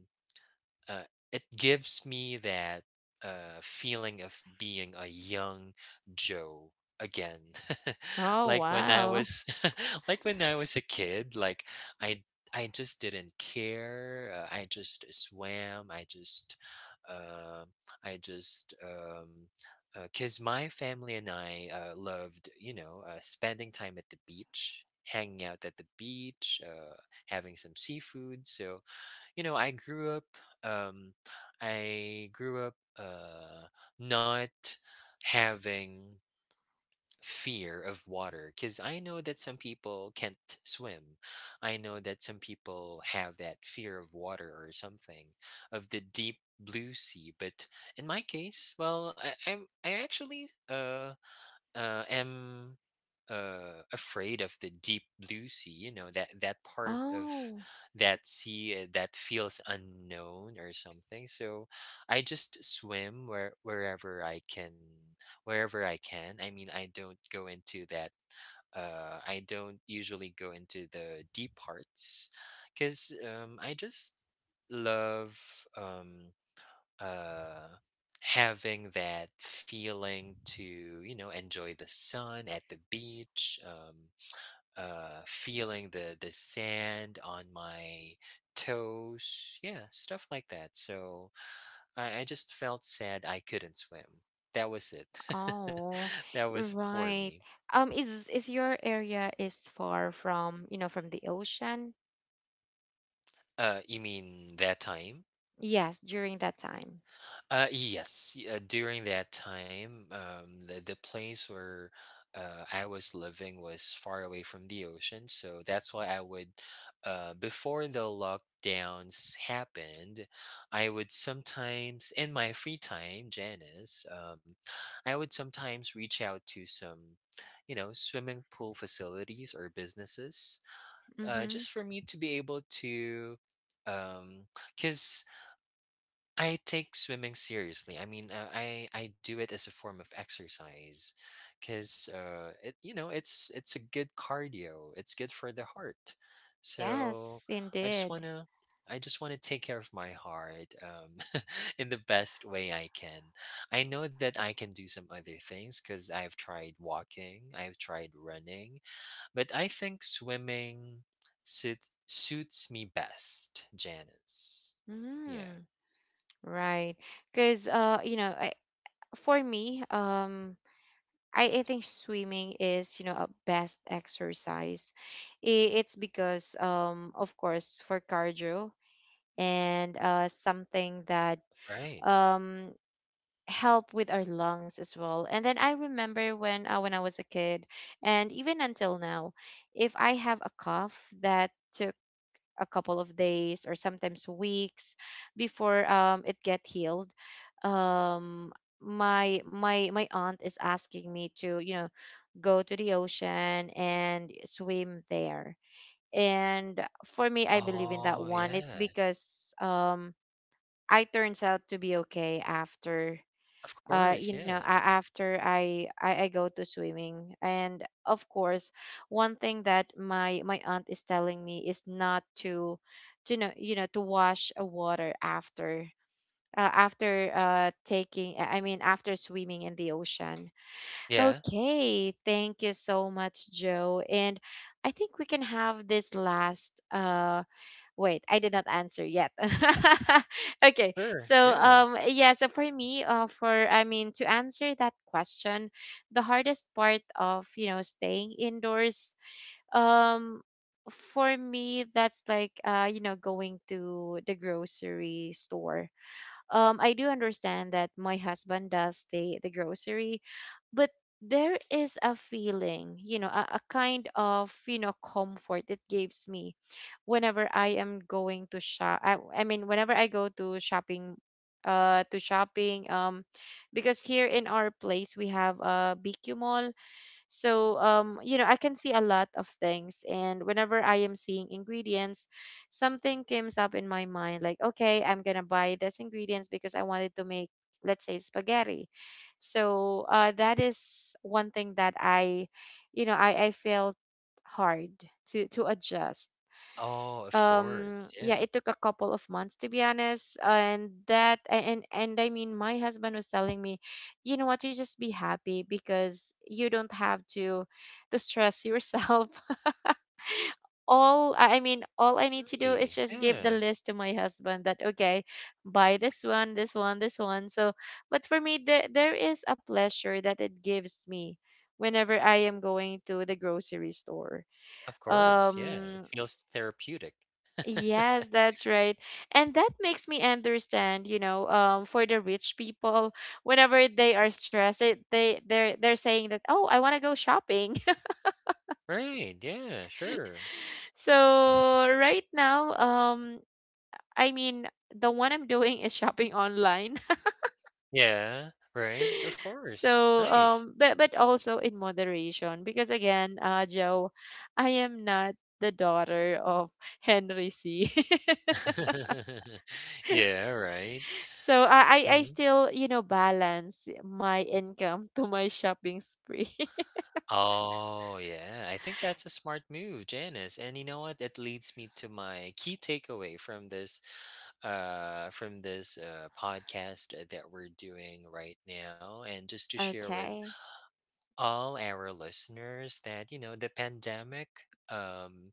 Speaker 2: uh, it gives me that feeling of being a young Joe again. [laughs]
Speaker 1: Oh,
Speaker 2: Like when I
Speaker 1: wow.
Speaker 2: was, [laughs] like when I was a kid, like I, I just didn't care. I just swam. Um I just, because my family and I loved, you know, spending time at the beach, hanging out at the beach, having some seafood. So you know, um, I grew up not having fear of water because I know that some people can't swim. I know that some people have that fear of water or something, of the deep blue sea. But in my case, well, I actually am afraid of the deep blue sea. You know, that part of
Speaker 1: Oh.
Speaker 2: that sea that feels unknown or something. So I just swim wherever I can, wherever I can. I mean, I don't go into that. I don't usually go into the deep parts because I just love. Um, uh, Having that feeling to, you know, enjoy the sun at the beach, feeling the sand on my toes, yeah, stuff like that. So I just felt sad I couldn't swim. That was it.
Speaker 1: Oh,
Speaker 2: [laughs] That was for
Speaker 1: right.
Speaker 2: me.
Speaker 1: Is your area is far from, you know, from the ocean?
Speaker 2: You mean that time?
Speaker 1: Yes, during that time.
Speaker 2: Yes, during that time, the place where I was living was far away from the ocean, so that's why I would, before the lockdowns happened, I would sometimes, in my free time, Janice, I would sometimes reach out to some, you know, swimming pool facilities or businesses,
Speaker 1: Mm-hmm.
Speaker 2: just for me to be able to, um, because I take swimming seriously. I mean, I do it as a form of exercise, because it you know, it's a good cardio. It's good for the heart. So
Speaker 1: Yes,
Speaker 2: I just
Speaker 1: indeed.
Speaker 2: wanna I just wanna take care of my heart, [laughs] in the best way I can. I know that I can do some other things because I've tried walking, I've tried running, but I think swimming suits me best, Janice. Yeah.
Speaker 1: Mm, right. Because you know, for me, I think swimming is, you know, a best exercise. It's because, of course, for cardio and something that
Speaker 2: Right.
Speaker 1: um help with our lungs as well. And then I remember when I was a kid, and even until now, if I have a cough that took a couple of days or sometimes weeks before it get healed, um, my aunt is asking me to, you know, go to the ocean and swim there. And for me, I believe in that
Speaker 2: Oh,
Speaker 1: one. It's
Speaker 2: yeah.
Speaker 1: because I turns out to be okay after
Speaker 2: Of course,
Speaker 1: you know,
Speaker 2: yeah.
Speaker 1: after I go to swimming. And of course, one thing that my aunt is telling me is not to, to know, you know, to wash a water after. After I mean, after swimming in the ocean.
Speaker 2: Yeah.
Speaker 1: Okay, thank you so much, Joe. And I think we can have this last wait, I did not answer yet. [laughs] Okay,
Speaker 2: Sure,
Speaker 1: so
Speaker 2: yeah.
Speaker 1: yeah, so for me, for I mean, to answer that question, the hardest part of, you know, staying indoors, um, for me, that's like you know, going to the grocery store, I do understand that my husband does the grocery, but there is a feeling, you know, a kind of, you know, comfort it gives me whenever I am going to shop. I mean, whenever I go to shopping, uh, to shopping, um, because here in our place we have a BQ mall. So, you know, I can see a lot of things. And whenever I am seeing ingredients, something comes up in my mind like, okay, I'm going to buy this ingredients because I wanted to make, let's say, spaghetti. So that is one thing that you know, I felt hard to adjust,
Speaker 2: Oh, of
Speaker 1: um,
Speaker 2: course,
Speaker 1: yeah,
Speaker 2: yeah.
Speaker 1: it took a couple of months to be honest. And that and I mean, my husband was telling me, you know what, you just be happy because you don't have to stress yourself. [laughs] all I mean, all I need to do is
Speaker 2: Truly,
Speaker 1: just give the
Speaker 2: yeah.
Speaker 1: list to my husband that okay, buy this one, this one, this one. So but for me, there is a pleasure that it gives me whenever I am going to the grocery store,
Speaker 2: Of course, yeah. It
Speaker 1: um,
Speaker 2: feels therapeutic. [laughs]
Speaker 1: yes, that's right. And that makes me understand, you know, for the rich people, whenever they are stressed, they're saying that, "Oh, I want to go shopping." [laughs]
Speaker 2: Right, yeah, sure.
Speaker 1: So, right now, I mean, the one I'm doing is shopping online. [laughs]
Speaker 2: Yeah, right, of course.
Speaker 1: So,
Speaker 2: Nice.
Speaker 1: but also in moderation, because again, Joe, I am not the daughter of Henry C. [laughs]
Speaker 2: [laughs] Yeah, right.
Speaker 1: So I
Speaker 2: Mhm.
Speaker 1: still, you know, balance my income [laughs] to my shopping spree. [laughs]
Speaker 2: Oh, yeah. I think that's a smart move, Janice. And you know what? It leads me to my key takeaway from this podcast that we're doing right now, and just to share with
Speaker 1: Okay.
Speaker 2: all our listeners that you know the pandemic um,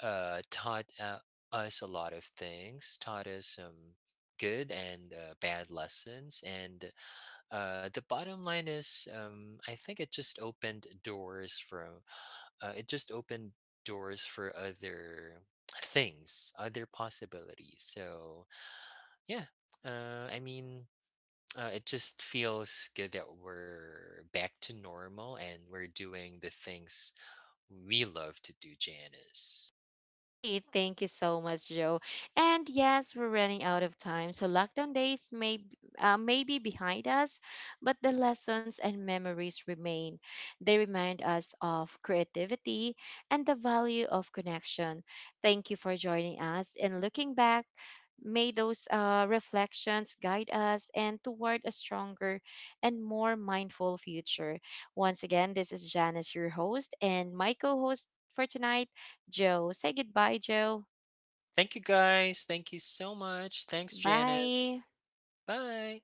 Speaker 2: taught us a lot of things, taught us some good and bad lessons, and the bottom line is, I think it just opened doors from it just opened doors for other things, other possibilities. So yeah. I mean, it just feels good that we're back to normal and we're doing the things we love to do, Janice.
Speaker 1: Hey, thank you so much, Joe. And yes, we're running out of time, so lockdown days may may be behind us, but the lessons and memories remain. They remind us of creativity and the value of connection. Thank you for joining us. And looking back, may those reflections guide us and toward a stronger and more mindful future. Once again, this is Janice, your host, and my co-host for tonight. Joe. Say goodbye, Joe.
Speaker 2: Thank you guys. Thank you so much. Thanks, Janice.
Speaker 1: Bye.
Speaker 2: Bye.